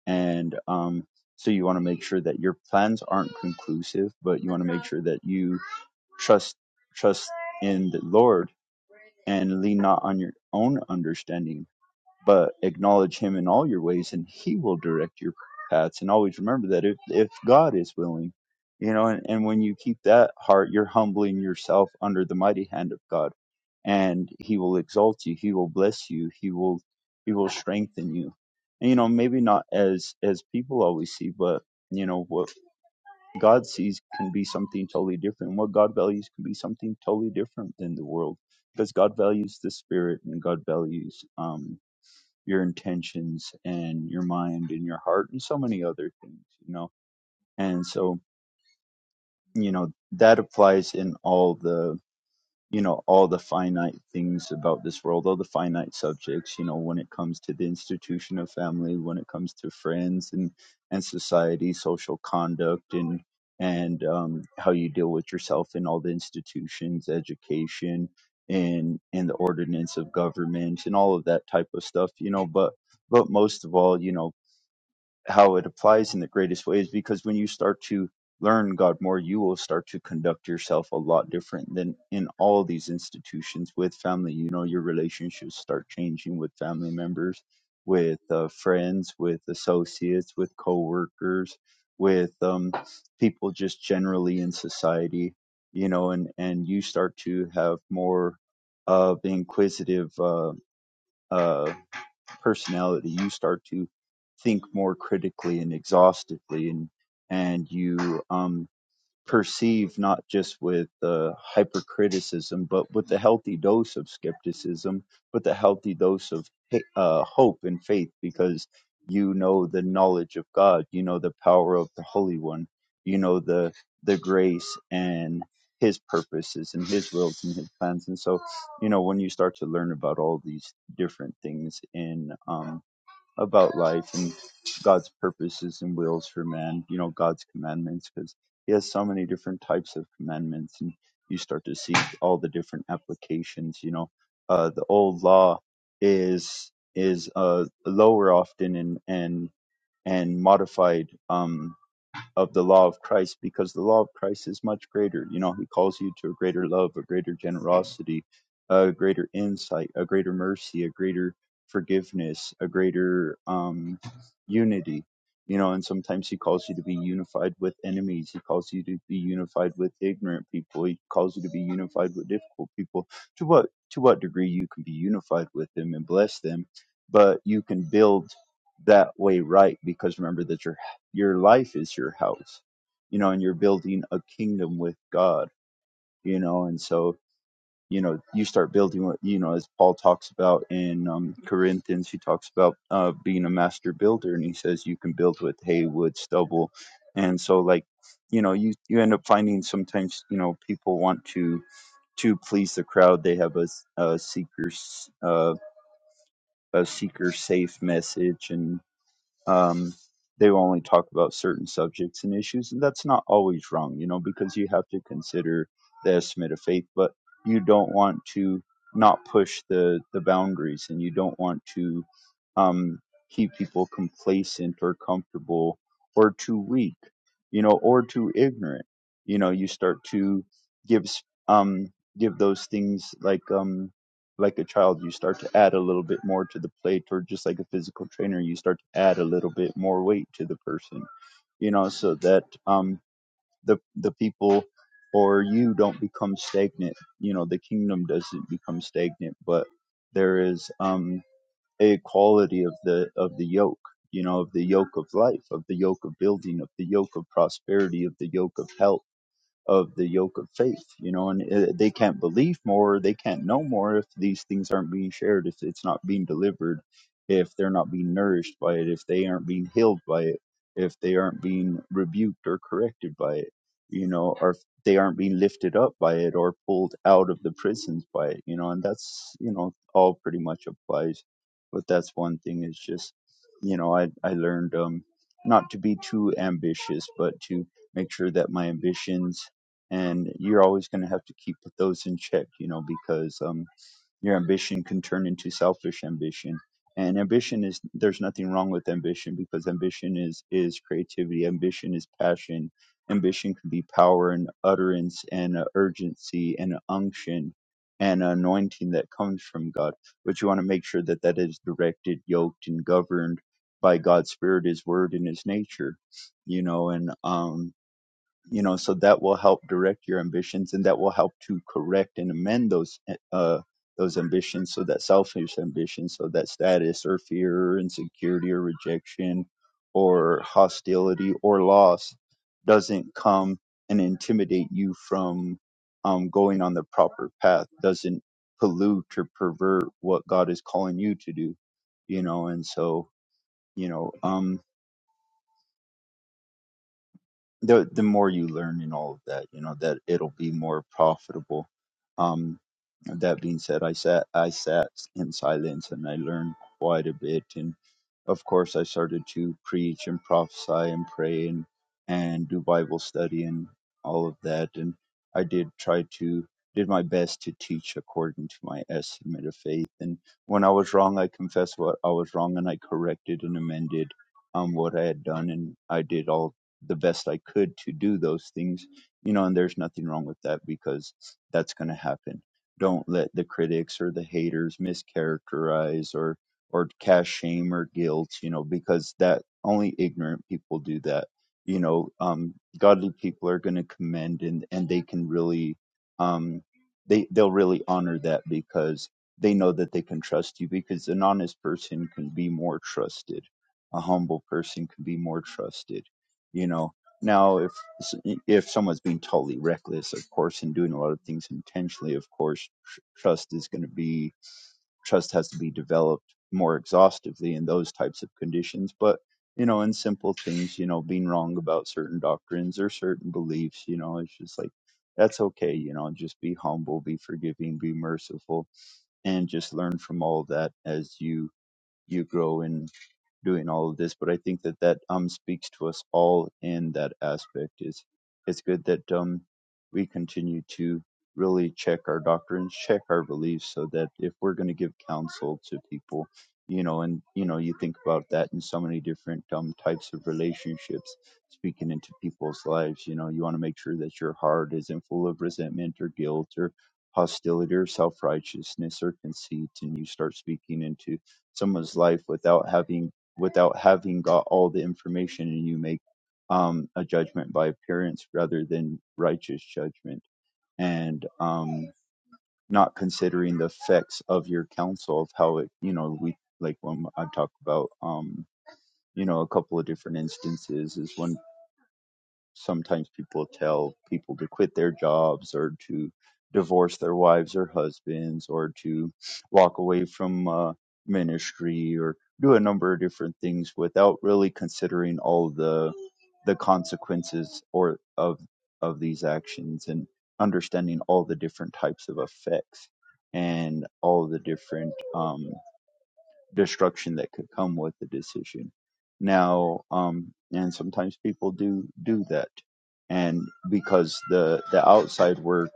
S2: and um, so you want to make sure that your plans aren't conclusive but you want to make sure that you Trust trust in the Lord and lean not on your own understanding, but acknowledge him in all your ways and he will direct your paths. And always remember that if, if God is willing, you know, and, and when you keep that heart, you're humbling yourself under the mighty hand of God and he will exalt you. He will bless you. He will, he will strengthen you. And, you know, maybe not as, as people always see, but you know, what. God sees can be something totally different. What God values can be something totally different than the world because God values the spirit and God values um, your intentions and your mind and your heart and so many other things, you know. And so, you know, that applies in all the you know all the finite things about this world all the finite subjects you know when it comes to the institution of family when it comes to friends and and society social conduct and and um, how you deal with yourself in all the institutions education and and the ordinance of government and all of that type of stuff you know but but most of all you know how it applies in the greatest way is because when you start to learn God more, you will start to conduct yourself a lot different than in all these institutions with family. You know, your relationships start changing with family members, with uh, friends, with associates, with coworkers, with um, people just generally in society. You know, and and you start to have more of inquisitive. Uh, uh, personality you start to think more critically and exhaustively and and you um perceive not just with uh, hypercriticism, but with a healthy dose of skepticism, with a healthy dose of uh, hope and faith, because you know the knowledge of God, you know the power of the Holy One, you know the the grace and His purposes and His wills and His plans, and so you know when you start to learn about all these different things in um, about life and God's purposes and wills for man, you know, God's commandments, because He has so many different types of commandments, and you start to see all the different applications. You know, uh, the old law is is uh, lower often and and and modified. Um, of the law of Christ because the law of Christ is much greater. You know, he calls you to a greater love, a greater generosity, a greater insight, a greater mercy, a greater forgiveness, a greater um, unity. You know, and sometimes he calls you to be unified with enemies. He calls you to be unified with ignorant people. He calls you to be unified with difficult people. To what to what degree you can be unified with them and bless them, but you can build that way right because remember that you're your life is your house you know and you're building a kingdom with god you know and so you know you start building what you know as paul talks about in um, corinthians he talks about uh, being a master builder and he says you can build with hay wood stubble and so like you know you you end up finding sometimes you know people want to to please the crowd they have a, s- a seeker's uh, a seeker safe message and um, they will only talk about certain subjects and issues, and that's not always wrong, you know, because you have to consider the estimate of faith, but you don't want to not push the the boundaries, and you don't want to um, keep people complacent or comfortable or too weak, you know, or too ignorant. You know, you start to give s- um, give those things like um like a child you start to add a little bit more to the plate or just like a physical trainer you start to add a little bit more weight to the person you know so that um the the people or you don't become stagnant you know the kingdom doesn't become stagnant but there is um a quality of the of the yoke you know of the yoke of life of the yoke of building of the yoke of prosperity of the yoke of health of the yoke of faith, you know, and uh, they can't believe more, they can't know more if these things aren't being shared, if it's not being delivered, if they're not being nourished by it, if they aren't being healed by it, if they aren't being rebuked or corrected by it, you know, or if they aren't being lifted up by it or pulled out of the prisons by it, you know, and that's, you know, all pretty much applies. But that's one thing is just, you know, I, I learned um, not to be too ambitious, but to make sure that my ambitions and you're always going to have to keep those in check, you know, because um, your ambition can turn into selfish ambition. And ambition is there's nothing wrong with ambition because ambition is is creativity, ambition is passion, ambition can be power and utterance and uh, urgency and unction and anointing that comes from God. But you want to make sure that that is directed, yoked, and governed by God's Spirit, His Word, and His nature. You know, and um, you know so that will help direct your ambitions and that will help to correct and amend those uh those ambitions so that selfish ambitions so that status or fear or insecurity or rejection or hostility or loss doesn't come and intimidate you from um, going on the proper path doesn't pollute or pervert what god is calling you to do you know and so you know um the the more you learn in all of that, you know that it'll be more profitable. Um, that being said, I sat I sat in silence and I learned quite a bit, and of course I started to preach and prophesy and pray and and do Bible study and all of that, and I did try to did my best to teach according to my estimate of faith, and when I was wrong, I confessed what I was wrong and I corrected and amended um what I had done, and I did all the best I could to do those things, you know, and there's nothing wrong with that because that's going to happen. Don't let the critics or the haters mischaracterize or or cast shame or guilt, you know, because that only ignorant people do that. You know, um, godly people are going to commend and and they can really, um, they they'll really honor that because they know that they can trust you because an honest person can be more trusted, a humble person can be more trusted you know now if if someone's being totally reckless of course and doing a lot of things intentionally of course tr- trust is going to be trust has to be developed more exhaustively in those types of conditions but you know in simple things you know being wrong about certain doctrines or certain beliefs you know it's just like that's okay you know just be humble be forgiving be merciful and just learn from all that as you you grow in doing all of this but i think that that um speaks to us all in that aspect is it's good that um we continue to really check our doctrines check our beliefs so that if we're going to give counsel to people you know and you know you think about that in so many different um types of relationships speaking into people's lives you know you want to make sure that your heart isn't full of resentment or guilt or hostility or self-righteousness or conceit and you start speaking into someone's life without having without having got all the information and you make um, a judgment by appearance rather than righteous judgment and um, not considering the effects of your counsel of how it you know we like when i talk about um, you know a couple of different instances is when sometimes people tell people to quit their jobs or to divorce their wives or husbands or to walk away from uh, ministry or do a number of different things without really considering all the the consequences or of of these actions and understanding all the different types of effects and all the different um, destruction that could come with the decision. Now, um, and sometimes people do do that, and because the the outside work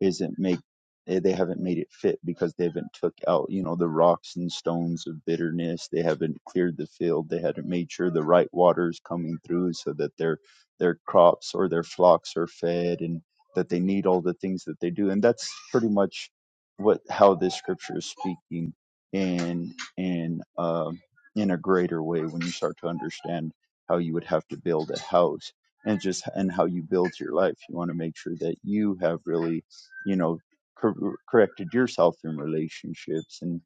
S2: isn't make eh, they haven't made it fit because they haven't took out you know the rocks and stones of bitterness they haven't cleared the field they haven't made sure the right water is coming through so that their their crops or their flocks are fed and that they need all the things that they do and that's pretty much what how this scripture is speaking in in um, in a greater way when you start to understand how you would have to build a house and just and how you build your life. You want to make sure that you have really, you know, cor- corrected yourself in relationships and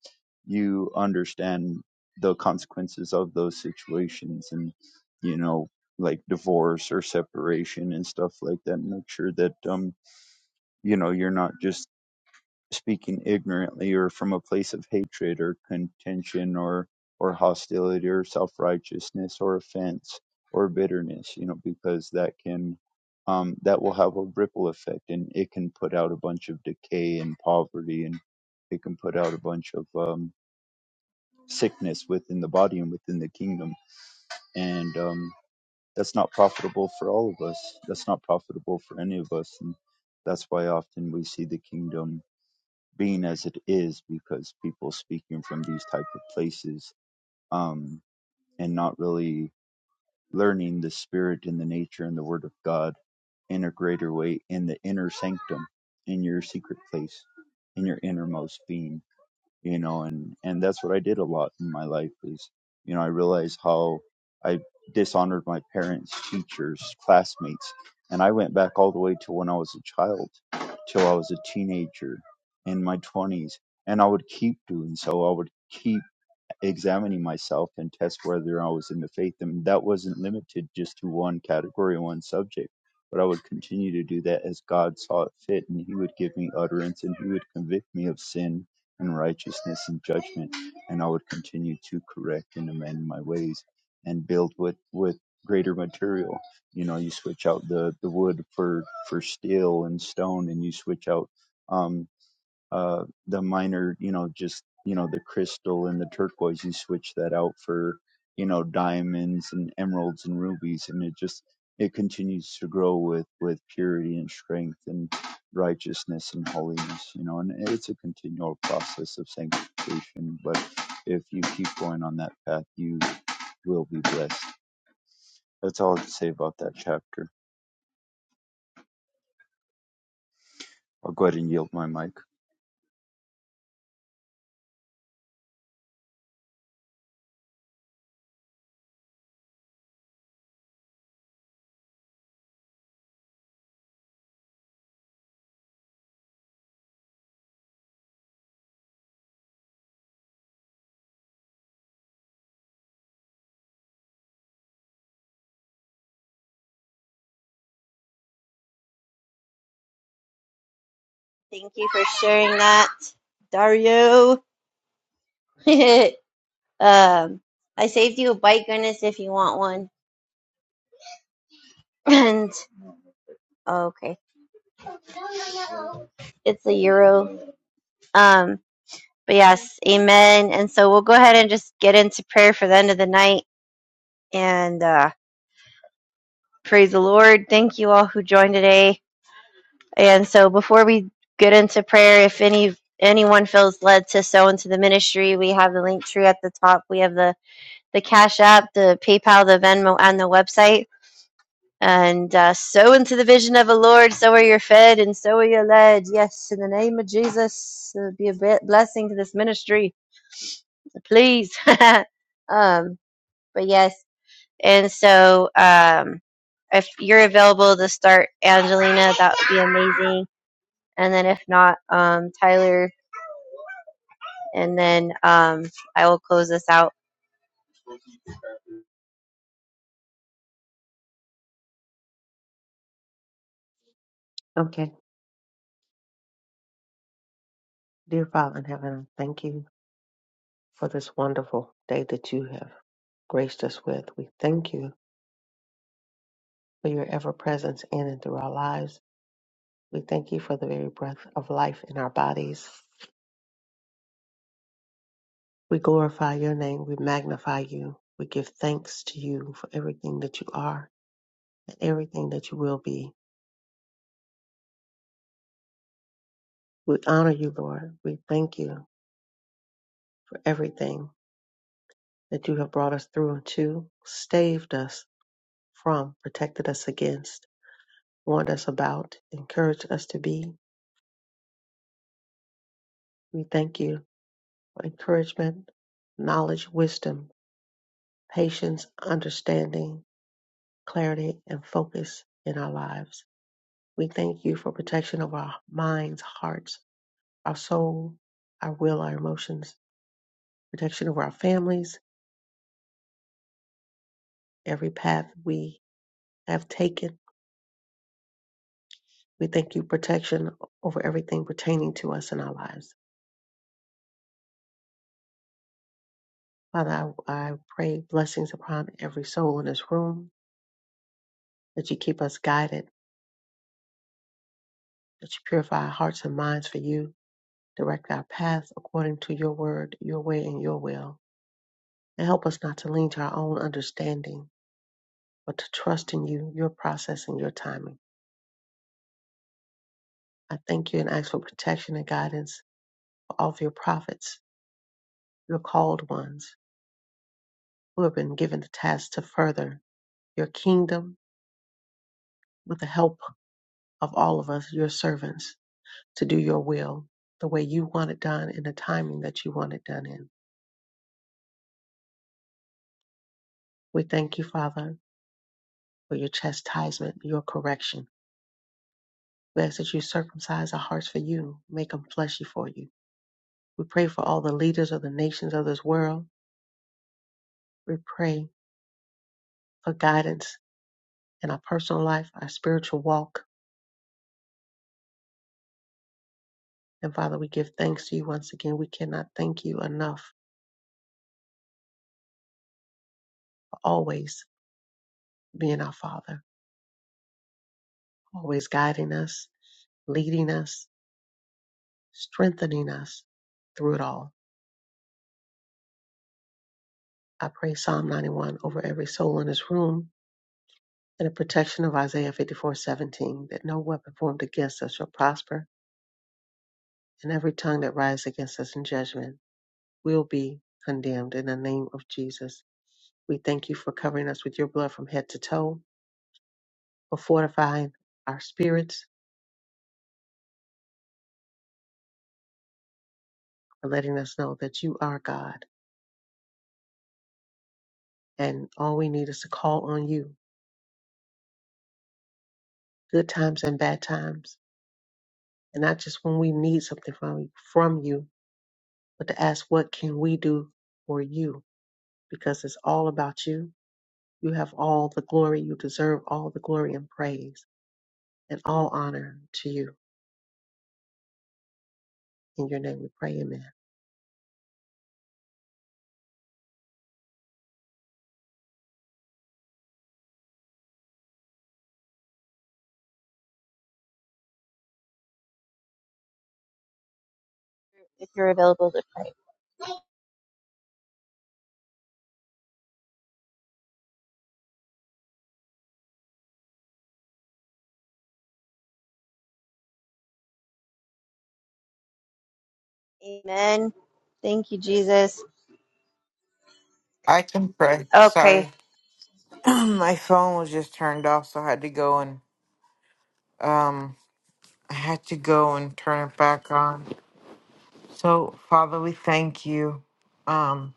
S2: you understand the consequences of those situations and you know like divorce or separation and stuff like that. Make sure that um you know you're not just speaking ignorantly or from a place of hatred or contention or or hostility or self-righteousness or offense or bitterness you know because that can um, that will have a ripple effect and it can put out a bunch of decay and poverty and it can put out a bunch of um, sickness within the body and within the kingdom and um, that's not profitable for all of us that's not profitable for any of us and that's why often we see the kingdom being as it is because people speaking from these type of places um, and not really learning the spirit and the nature and the word of god in a greater way in the inner sanctum in your secret place in your innermost being you know and and that's what i did a lot in my life is you know i realized how i dishonored my parents teachers classmates and i went back all the way to when i was a child till i was a teenager in my 20s and i would keep doing so i would keep examining myself and test whether I was in the faith. And that wasn't limited just to one category, one subject, but I would continue to do that as God saw it fit. And He would give me utterance and He would convict me of sin and righteousness and judgment. And I would continue to correct and amend my ways and build with, with greater material. You know, you switch out the, the wood for, for steel and stone and you switch out. um uh, the minor, you know, just you know the crystal and the turquoise. You switch that out for you know diamonds and emeralds and rubies, and it just it continues to grow with with purity and strength and righteousness and holiness. You know, and it's a continual process of sanctification. But if you keep going on that path, you will be blessed. That's all I have to say about that chapter. I'll go ahead and yield my mic.
S1: Thank you for sharing that, Dario. um, I saved you a bike goodness if you want one. And oh, okay, it's a euro. Um, but yes, amen. And so we'll go ahead and just get into prayer for the end of the night and uh, praise the Lord. Thank you all who joined today. And so before we get into prayer, if any anyone feels led to sow into the ministry, we have the link tree at the top. We have the the Cash App, the PayPal, the Venmo, and the website and uh, sow into the vision of the Lord. So are you fed, and so are you led. Yes, in the name of Jesus, uh, be a be- blessing to this ministry, please. um, but yes, and so um, if you're available to start, Angelina, that would be amazing. And then if not, um, Tyler, and then um, I will close this out
S5: Okay. Dear Father in heaven, I thank you for this wonderful day that you have graced us with. We thank you for your ever presence in and through our lives. We thank you for the very breath of life in our bodies. We glorify your name. We magnify you. We give thanks to you for everything that you are and everything that you will be. We honor you, Lord. We thank you for everything that you have brought us through and to, staved us from, protected us against, warned us about, encouraged us to be. We thank you for encouragement, knowledge, wisdom, patience, understanding, clarity, and focus in our lives. We thank you for protection of our minds, hearts, our soul, our will, our emotions, protection of our families, every path we have taken. We thank you protection over everything pertaining to us in our lives. Father, I, I pray blessings upon every soul in this room, that you keep us guided, that you purify our hearts and minds for you, direct our paths according to your word, your way, and your will. and help us not to lean to our own understanding, but to trust in you, your process, and your timing. I thank you and ask for protection and guidance for all of your prophets, your called ones, who have been given the task to further your kingdom with the help of all of us, your servants, to do your will the way you want it done in the timing that you want it done in. We thank you, Father, for your chastisement, your correction. We ask that you circumcise our hearts for you, make them fleshy for you We pray for all the leaders of the nations of this world. We pray for guidance in our personal life, our spiritual walk. And Father, we give thanks to you once again. We cannot thank you enough for always being our Father, always guiding us, leading us, strengthening us through it all. I pray Psalm 91 over every soul in this room and the protection of Isaiah 54:17, that no weapon formed against us shall prosper, and every tongue that rises against us in judgment. will be condemned in the name of Jesus. We thank you for covering us with your blood from head to toe, for fortifying our spirits, for letting us know that you are God. And all we need is to call on you, good times and bad times. And not just when we need something from, from you, but to ask, what can we do for you? Because it's all about you. You have all the glory. You deserve all the glory and praise and all honor to you. In your name we pray, amen.
S1: if you're available to pray. Amen. Thank you, Jesus.
S4: I can pray.
S1: Okay.
S4: Sorry. My phone was just turned off, so I had to go and um I had to go and turn it back on. So, Father, we thank you. Um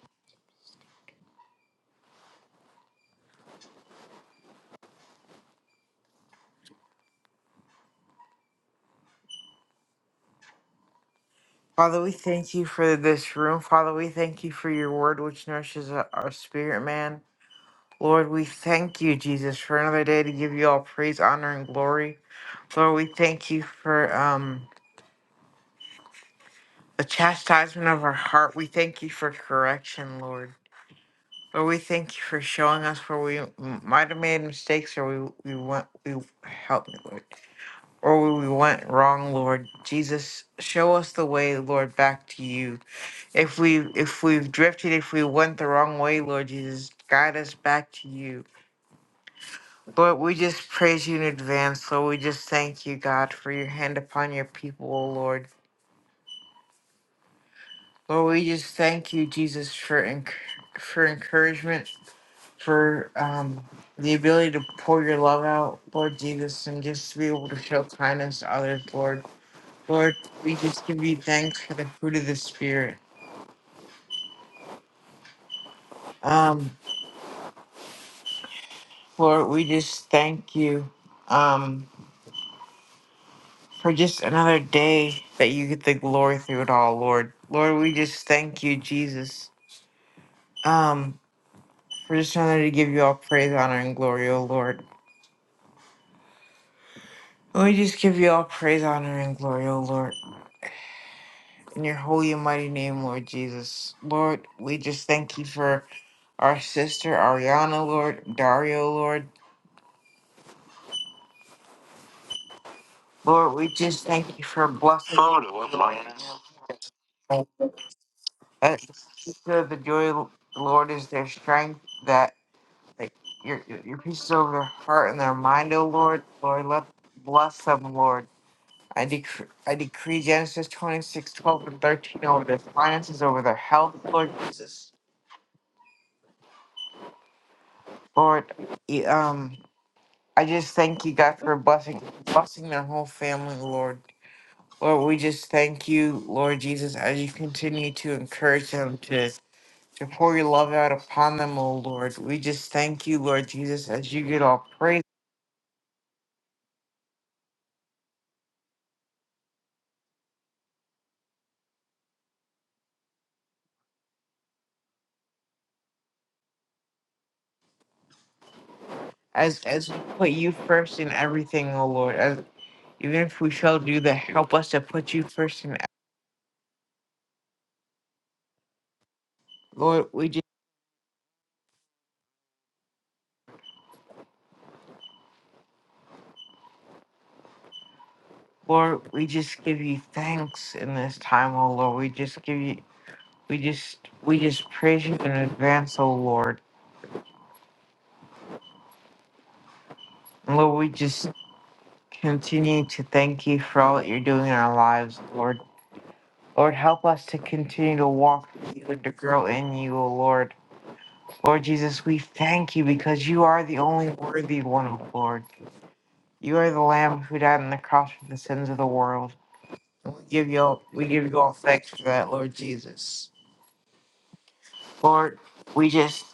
S4: Father, we thank you for this room. Father, we thank you for your word which nourishes our our spirit, man. Lord, we thank you, Jesus, for another day to give you all praise, honor, and glory. Lord, we thank you for um the chastisement of our heart. We thank you for correction, Lord. Lord, we thank you for showing us where we m- might have made mistakes or we, we went, we help me, Lord, or where we went wrong, Lord. Jesus, show us the way, Lord, back to you. If we, if we've drifted, if we went the wrong way, Lord Jesus, guide us back to you. Lord, we just praise you in advance, Lord. We just thank you, God, for your hand upon your people, O Lord. Lord, we just thank you, Jesus, for enc- for encouragement for um, the ability to pour your love out, Lord Jesus, and just to be able to show kindness to others, Lord. Lord, we just give you thanks for the fruit of the Spirit. Um, Lord, we just thank you um, for just another day that you get the glory through it all, Lord. Lord, we just thank you, Jesus, um, for just another to give you all praise, honor, and glory, O Lord. We just give you all praise, honor, and glory, O Lord. In your holy and mighty name, Lord Jesus. Lord, we just thank you for our sister Ariana, Lord, Dario, Lord. Lord, we just thank you for blessing. Photo of Lioness. That the the joy of the Lord is their strength, that like, your, your your peace is over their heart and their mind, O Lord. Lord, let bless them, Lord. I decree, I decree Genesis 26 12 and 13 over their finances, over their health, Lord Jesus. Lord, e- um, I just thank you, God, for blessing blessing their whole family, Lord. Lord, we just thank you, Lord Jesus, as you continue to encourage them to to pour your love out upon them, oh Lord. We just thank you, Lord Jesus, as you get all praise, as as we put you first in everything, oh Lord. As even if we shall do that, help us to put you first in. ev- Lord, we just Lord, we just give you thanks in this time, oh Lord. We just give you we just we just praise you in advance, oh Lord. Lord, we just continue to thank you for all that you're doing in our lives, Lord. Lord, help us to continue to walk with you and to grow in you, O Lord. Lord Jesus, we thank you because you are the only worthy one, O Lord. You are the Lamb who died on the cross for the sins of the world. And We give you all, we give you all thanks for that, Lord Jesus. Lord, we just,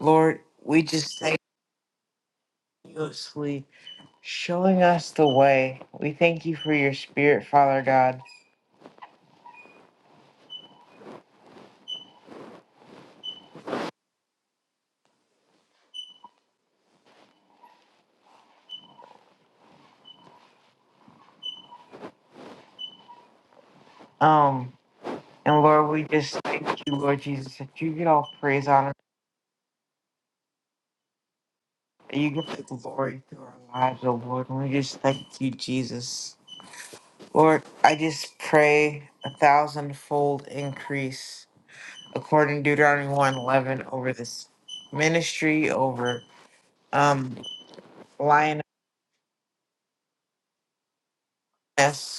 S4: Lord, we just thank you continuously showing us the way. We thank you for your Spirit, Father God. Um. And Lord, we just thank you, Lord Jesus, that you get all praise, honor, and you get the glory through our lives, oh Lord. And we just thank you, Jesus. Lord, I just pray a thousandfold increase according to Deuteronomy 111 over this ministry, over um lioness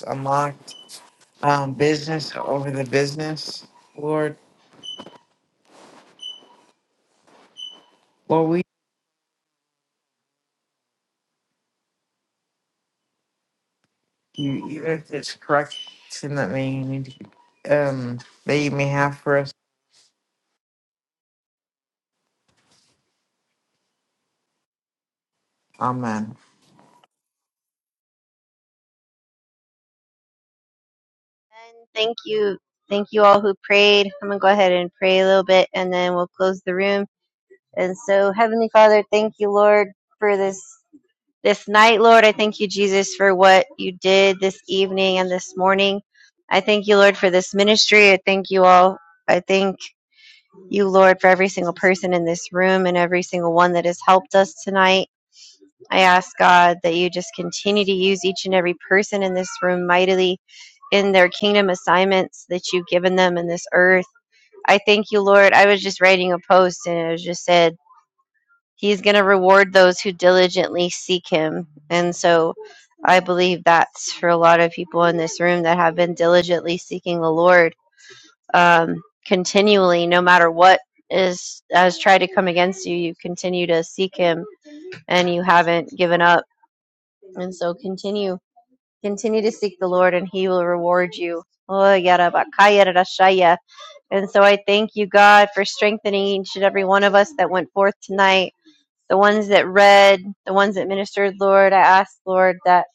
S4: unlocked, um business, over the business. Lord, Lord, we thank you even if it's correction that may need um that you may have for us. Amen.
S1: And thank you. Thank you all who prayed. I'm going to go ahead and pray a little bit and then we'll close the room. And so, Heavenly Father, thank you, Lord, for this. This night, Lord, I thank you, Jesus, for what you did this evening and this morning. I thank you, Lord, for this ministry. I thank you all. I thank you, Lord, for every single person in this room and every single one that has helped us tonight. I ask God that you just continue to use each and every person in this room mightily in their kingdom assignments that you've given them in this earth. I thank you, Lord. I was just writing a post and it was just said, He's going to reward those who diligently seek Him. And so I believe that's for a lot of people in this room that have been diligently seeking the Lord um, continually, no matter what is has tried to come against you you continue to seek him and you haven't given up and so continue, continue to seek the Lord and he will reward you. Oh, yada bakaya da And so I thank you, God, for strengthening each and every one of us that went forth tonight. The ones that read, the ones that ministered, Lord, I ask, Lord, that,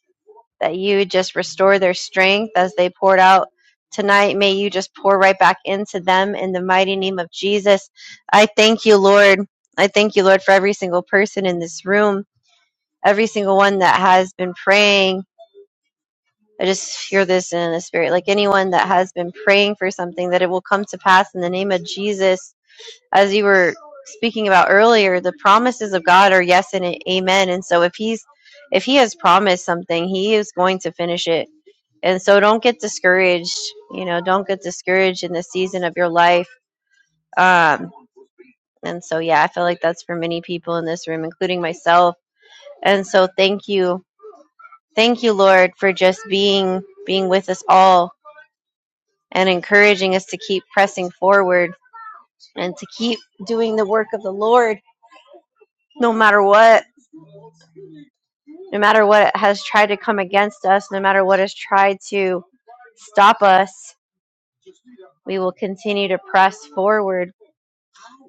S1: that you just restore their strength as they poured out tonight. May you just pour right back into them in the mighty name of Jesus. I thank you, Lord. I thank you, Lord, for every single person in this room, every single one that has been praying I just hear this in the spirit. Like anyone that has been praying for something, that it will come to pass in the name of Jesus. As you were speaking about earlier, the promises of God are yes and amen. And so if he's if he has promised something, he is going to finish it. And so don't get discouraged. You know, don't get discouraged in the season of your life. Um, and so yeah, I feel like that's for many people in this room, including myself. And so thank you. Thank you, Lord, for just being being with us all and encouraging us to keep pressing forward and to keep doing the work of the Lord no matter what, no matter what has tried to come against us, no matter what has tried to stop us. We will continue to press forward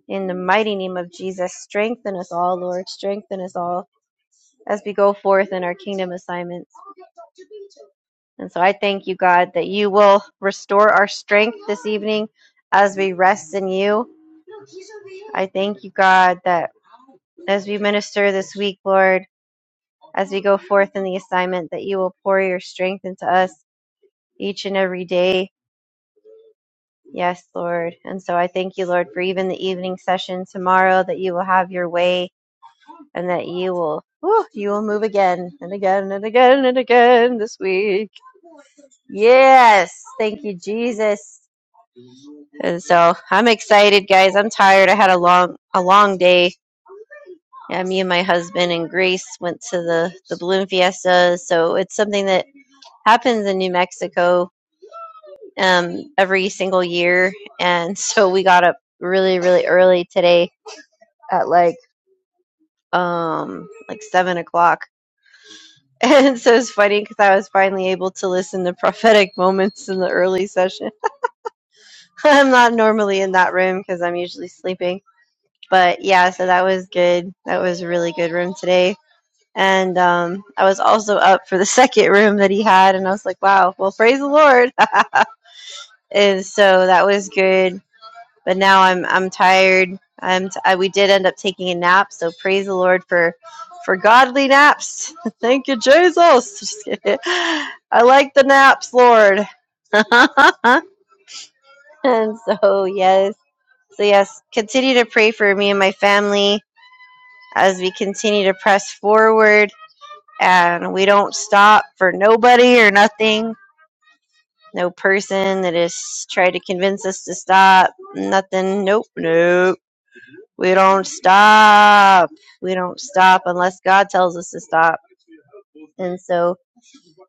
S1: in the mighty name of Jesus. Strengthen us all, Lord. Strengthen us all as we go forth in our kingdom assignments. And so I thank you, God, that you will restore our strength this evening as we rest in you. I thank you, God, that as we minister this week, Lord, as we go forth in the assignment, that you will pour your strength into us each and every day. Yes, Lord. And so I thank you, Lord, for even the evening session tomorrow, that you will have your way and that you will, whew, you will move again and again and again and again this week. Yes. Thank you, Jesus. And so I'm excited, guys. I'm tired. I had a long, a long day. Yeah, me and my husband and Grace went to the the balloon fiesta. So it's something that happens in New Mexico um, every single year, and so we got up really, really early today at like um like seven o'clock. And so it's funny because I was finally able to listen to prophetic moments in the early session. I'm not normally in that room because I'm usually sleeping, but yeah, so that was good. That was a really good room today. And um, I was also up for the second room that he had, and I was like, "Wow, well, praise the Lord!" and so that was good but now I'm I'm tired. I'm t- I, we did end up taking a nap, so praise the Lord for for godly naps. Thank you, Jesus. Just kidding. I like the naps, Lord. and so yes, so yes, continue to pray for me and my family as we continue to press forward, and we don't stop for nobody or nothing. No person that has tried to convince us to stop. Nothing. Nope. Nope We don't stop. We don't stop unless God tells us to stop. And so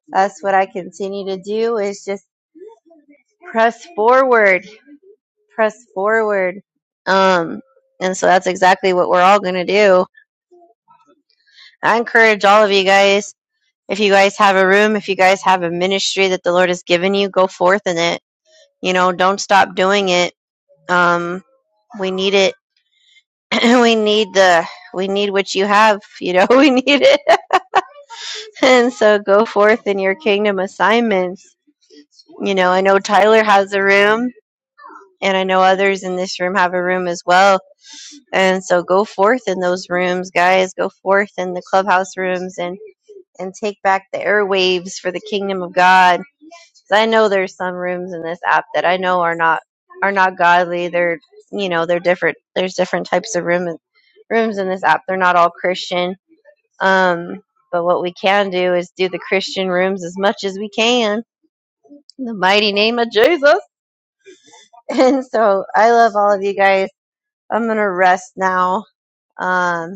S1: that's what I continue to do is just press forward, press forward. Um, and so that's exactly what we're all going to do. I encourage all of you guys, if you guys have a room, if you guys have a ministry that the Lord has given you, go forth in it. You know, don't stop doing it. Um, we need it. we need the, we need what you have. You know, we need it And so go forth in your kingdom assignments. You know, I know Tyler has a room, and I know others in this room have a room as well. And so go forth in those rooms, guys. Go forth in the clubhouse rooms and and take back the airwaves for the kingdom of God. 'Cause I know there's some rooms in this app that I know are not are not godly. They're you know they're different. There's different types of room rooms in this app. They're not all Christian um, but what we can do is do the Christian rooms as much as we can in the mighty name of Jesus. And so I love all of you guys. I'm going to rest now um,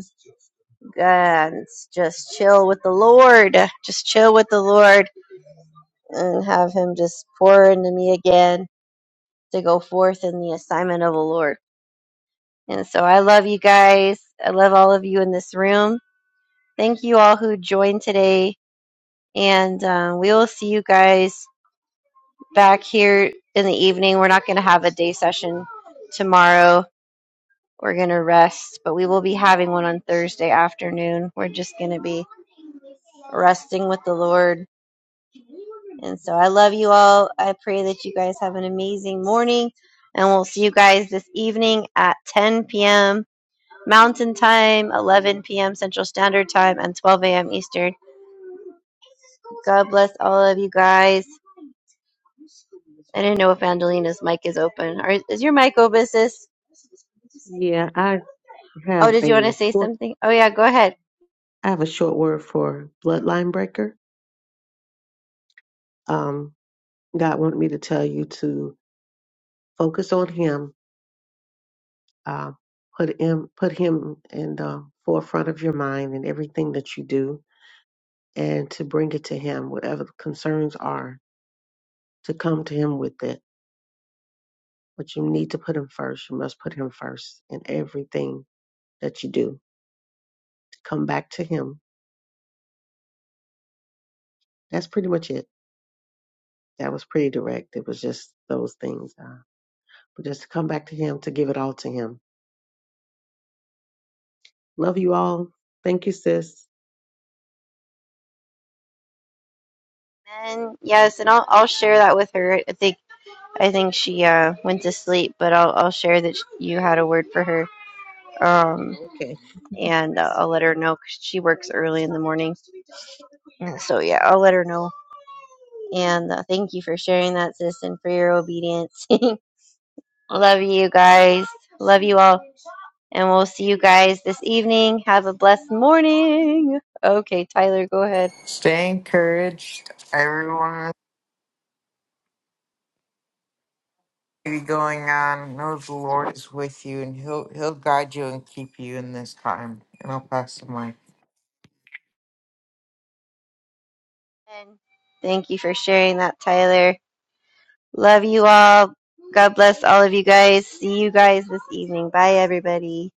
S1: and just chill with the Lord. Just chill with the Lord and have Him just pour into me again to go forth in the assignment of the Lord. And so I love you guys. I love all of you in this room. Thank you all who joined today. And um, we will see you guys back here in the evening. We're not going to have a day session tomorrow. We're going to rest, but we will be having one on Thursday afternoon. We're just going to be resting with the Lord. And so I love you all. I pray that you guys have an amazing morning. And we'll see you guys this evening at 10 p.m. Mountain Time, 11 p.m. Central Standard Time, and 12 a.m. Eastern. God bless all of you guys. I didn't know if Angelina's mic is open. Are, is your mic open, sis?
S5: Yeah,
S1: Oh,
S5: have
S1: did you want to
S5: a
S1: say
S5: short
S1: something? Oh yeah, go ahead.
S5: I have a short word for bloodline breaker. Um, God wanted me to tell you to focus on Him, uh, put Him put Him in the forefront of your mind in everything that you do, and to bring it to Him, whatever the concerns are, to come to Him with it. But you need to put Him first. You must put Him first in everything that you do. To come back to Him. That's pretty much it. That was pretty direct. It was just those things. Uh, but just to come back to Him, to give it all to Him Love you all. Thank you, sis.
S1: And yes, and I'll I'll share that with her. I think I think she uh went to sleep, but I'll I'll share that sh- you had a word for her. Um,
S5: Okay.
S1: and uh, I'll let her know 'cause she works early in the morning. And So yeah, I'll let her know. And uh, thank you for sharing that, sis, and for your obedience. Love you guys. Love you all. And we'll see you guys this evening. Have a blessed morning. Okay, Tyler, go ahead.
S4: Stay encouraged, everyone. Be going on. Know the Lord is with you, and He'll He'll guide you and keep you in this time. And I'll pass the mic.
S1: And thank you for sharing that, Tyler. Love you all. God bless all of you guys. See you guys this evening. Bye, everybody.